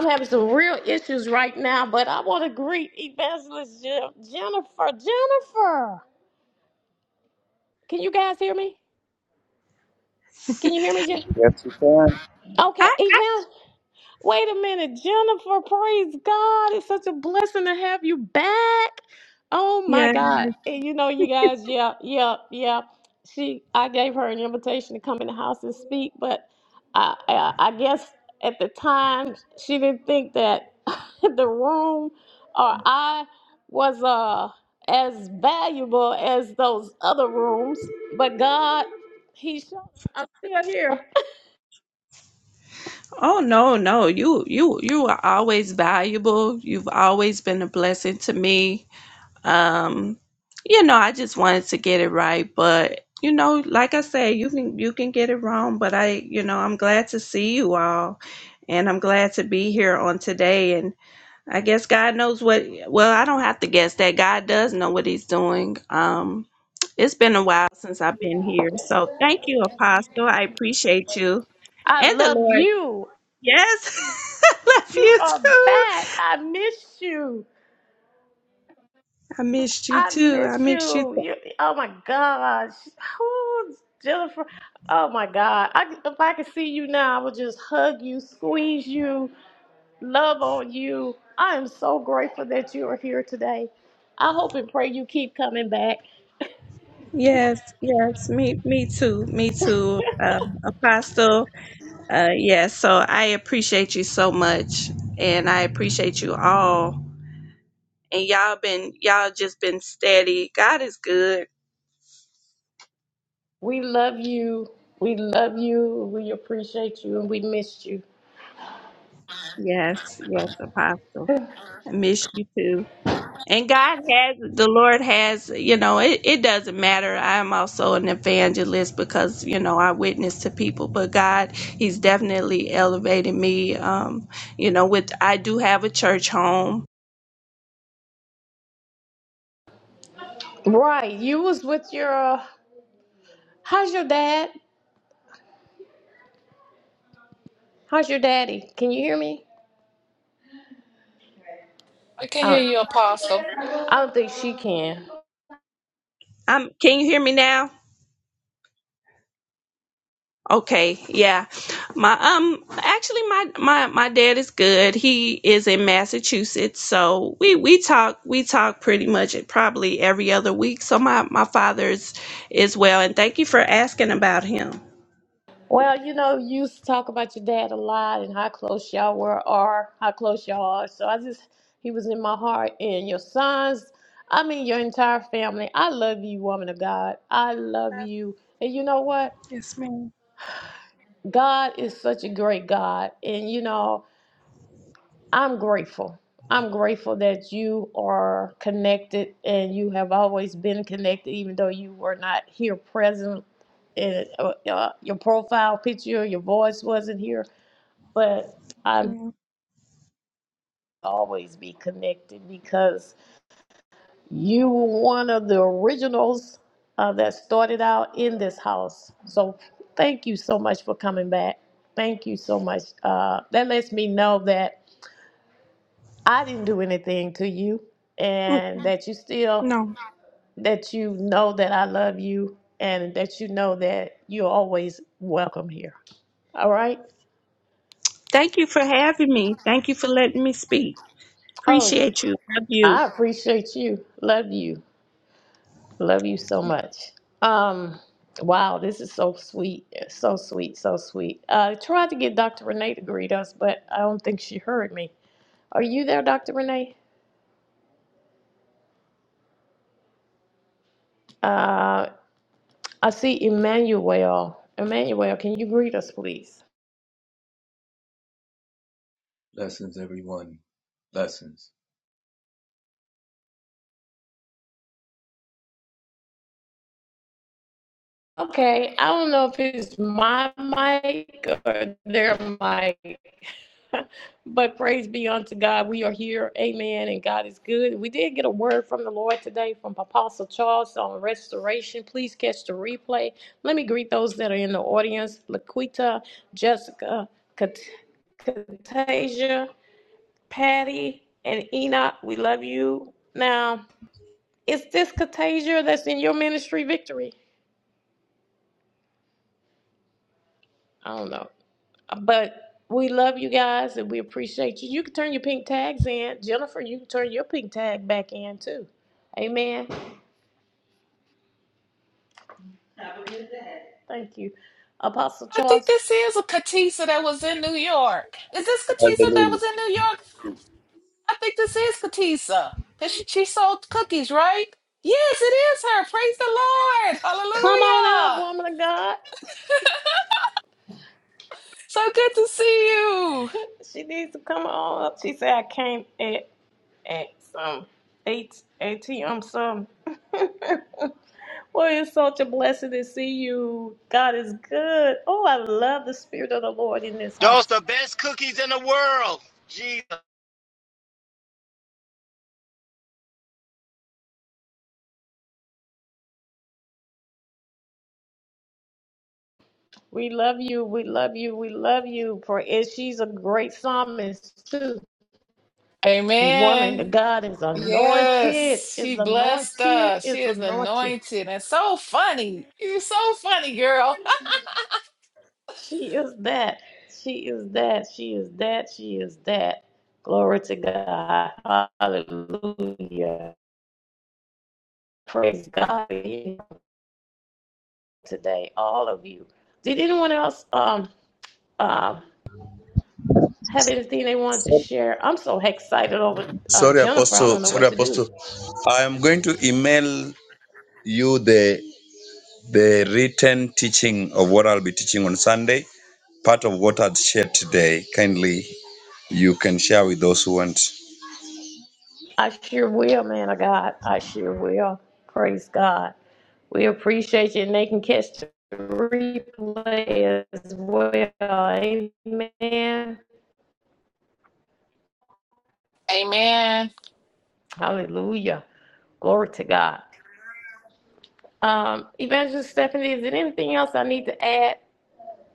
A: having some real issues right now, but I want to greet Evangelist Je- Jennifer. Jennifer, can you guys hear me? Can you hear me, Jen? Okay,
L: I
A: Wait a minute, Jennifer, praise God. It's such a blessing to have you back. Oh my
L: yes.
A: God. And you know, you guys, Yeah, yeah, yeah. She I gave her an invitation to come in the house and speak, but I I, I guess at the time she didn't think that the room or I was uh as valuable as those other rooms. But God, he showed I'm still here.
L: Oh no, no. You you you are always valuable. You've always been a blessing to me. Um you know, I just wanted to get it right, but you know, like I said, you can you can get it wrong, but I, you know, I'm glad to see you all and I'm glad to be here on today and I guess God knows what well, I don't have to guess that God does know what he's doing. Um it's been a while since I've been here. So thank you, Apostle. I appreciate you.
A: I
L: And the
A: love
L: Lord
A: you.
L: Yes. I love
A: You
L: you
A: are
L: too.
A: back. I miss you.
L: I missed you
A: I
L: too. I
A: miss
L: missed you
A: you.
L: too.
A: you oh my gosh. Who's Jennifer? Oh my God. I, if I could see you now, I would just hug you, squeeze you, love on you. I am so grateful that you are here today. I hope and pray you keep coming back.
L: Yes, yes, me me too. Me too. Um, Apostle. Uh yes, so I appreciate you so much and I appreciate you all. And y'all been y'all just been steady. God is good.
A: We love you. We love you. We appreciate you and we missed you.
L: Yes, yes, Apostle. I miss you too. And God has, the Lord has, you know, it, it doesn't matter. I am also an evangelist because, you know, I witness to people, but God, He's definitely elevated me. Um, you know, with, I do have a church home.
A: Right. You was with your, uh, how's your dad? How's your daddy? Can you hear me?
C: I can hear
A: Oh.
C: you, Apostle.
A: I don't think she can.
L: Um, can you hear me now? Okay, yeah. My, um, actually my, my, my dad is good. He is in Massachusetts. So we, we talk, we talk pretty much probably every other week. So my, my father's is well. And thank you for asking about him.
A: Well, you know, you used to talk about your dad a lot and how close y'all were, or how close y'all are. So I just, he was in my heart. And your sons, I mean, your entire family. I love you, woman of God. I love you. And you know what?
L: Yes, ma'am.
A: God is such a great God. And, you know, I'm grateful. I'm grateful that you are connected and you have always been connected, even though you were not here present. And uh, uh, your profile picture, your voice wasn't here, but I'm
L: No.
A: always be connected because you were one of the originals uh, that started out in this house. So thank you so much for coming back. Thank you so much. Uh, that lets me know that I didn't do anything to you, and
L: Mm-mm.
A: that you still
L: No.
A: that you know that I love you, and that you know that you're always welcome here. All right.
L: Thank you for having me. Thank you for letting me speak.
A: Oh,
L: Appreciate you. Love
A: I
L: you.
A: appreciate you. Love you. Love you so much. Um. Wow, this is so sweet, so sweet, so sweet. Uh, I tried to get Dr. Renee to greet us, but I don't think she heard me. Are you there, Dr. Renee? Uh, I see Emmanuel. Emmanuel, can you greet us, please?
M: Lessons everyone, lessons!
A: Okay, I don't know if it's my mic or their mic, but praise be unto God. We are here, amen, and God is good. We did get a word from the Lord today from Apostle Charles on restoration. Please catch the replay. Let me greet those that are in the audience Laquita, Jessica, Kat- Katasia, Patty, and Enoch. We love you. Now, is this Katasia that's in your ministry victory? I don't know. But we love you guys and we appreciate you. You can turn your pink tags in. Jennifer, you can turn your pink tag back in too. Amen. Thank you. Apostle
C: I think
A: Charles,
C: this is a Katisa that was in New York. Is this Katisa that was in New York? I think this is Katisa. Cause she, she sold cookies, right? Yes, it is her. Praise the Lord.
A: come on up,
C: Hallelujah.
A: woman of God.
C: So good to see you.
A: She needs to come on up. She said, I came at, at some eight, ATM some. well, it's such a blessing to see you. God is good. Oh, I love the Spirit of the Lord in this
J: Those
A: house.
J: the best cookies in the world. Jesus.
A: We love you. We love you. We love you. For it, she's a great psalmist too. Woman,
C: Amen.
A: God is anointed.
C: Yes,
A: Is
C: she blessed
A: anointed.
C: us. She
A: Is
C: is
A: anointed.
C: anointed and so funny. You're so funny, girl.
A: She is that. She is that. She is that. She is that. Glory to God. Hallelujah. Praise God for you today, all of you. Did anyone else um uh, have anything they wanted to share? I'm so excited over uh,
F: Sorry,
A: Jennifer. I
F: Apostle.
A: don't know
F: Sorry,
A: what to do.
F: Apostle. I am going to email you the the written teaching of what I'll be teaching on Sunday. part of what I'd shared today. Kindly, you can share with those who want.
A: I sure will, man of God. I sure will. Praise God. We appreciate you, and they can catch the replay as well. Amen.
C: Amen.
A: Hallelujah. Glory to God. Um, Evangelist Stephanie, is there anything else I need to add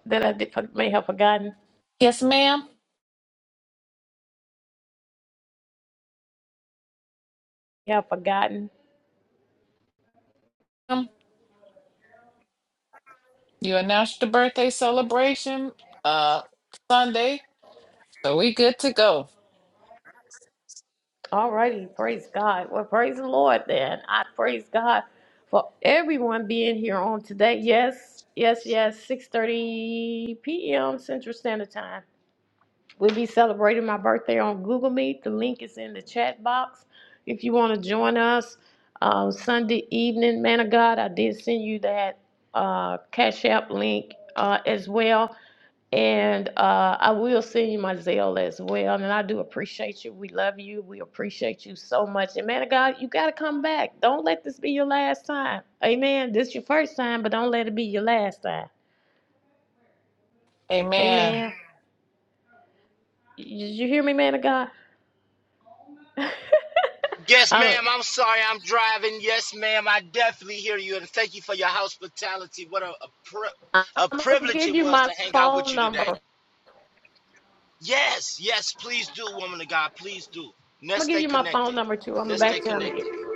A: that I did, may have forgotten?
C: Yes, ma'am.
A: Have forgotten?
C: Um, You announced the birthday celebration uh Sunday, so we good to go.
A: Alrighty, praise God. Well, praise the Lord then. I praise God for everyone being here on today. Yes, yes, yes. 6:30 p.m. Central Standard Time. We'll be celebrating my birthday on Google Meet. The link is in the chat box. If you want to join us um, Sunday evening, man of God, I did send you that uh, Cash App link uh, as well. And uh, I will send you my Zelle as well. And I do appreciate you. We love you. We appreciate you so much. And man of God, you got to come back. Don't let this be your last time. Amen. This is your first time, but don't let it be your last time.
C: Amen.
A: Amen. Did you hear me, man of God?
J: Yes,
A: I'm,
J: ma'am. I'm sorry. I'm driving. Yes, ma'am. I definitely hear you, and thank you for your hospitality. What a a, pri- a
A: I'm gonna
J: privilege
A: give
J: it
A: you
J: was
A: my
J: to hang out with
A: phone
J: you
A: number.
J: today.
A: I'm
J: Yes, yes, please do, woman of God, please do. Let's
A: gonna give
J: stay
A: you my phone
J: connected.
A: number too. I'm
J: Let's stay
A: back to
J: connected.
A: you.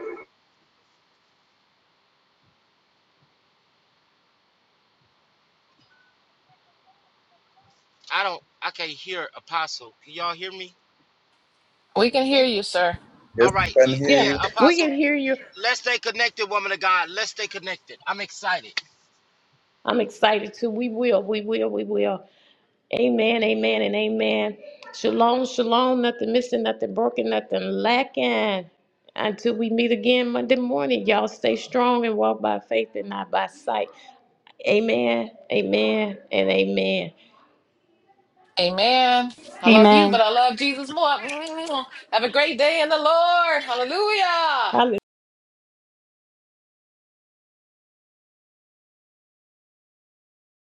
J: I don't, I can't hear Apostle. Can y'all hear me?
C: We can hear you, sir.
J: All
F: Yes, we
J: right, y-
F: can hear
A: Yeah,
F: you.
J: yeah,
A: we
J: Apostle.
A: can hear you.
J: Let's stay connected, woman of God. Let's stay connected. I'm excited.
A: I'm excited too. We will. We will. We will. Amen, amen, and amen. Shalom, shalom, nothing missing, nothing broken, nothing lacking. Until we meet again Monday morning, y'all stay strong and walk by faith and not by sight. Amen, amen, and amen.
C: Amen. I love
D: Amen.
C: you, but I love Jesus more. Have a great day in the Lord. Hallelujah.
A: Hallelujah.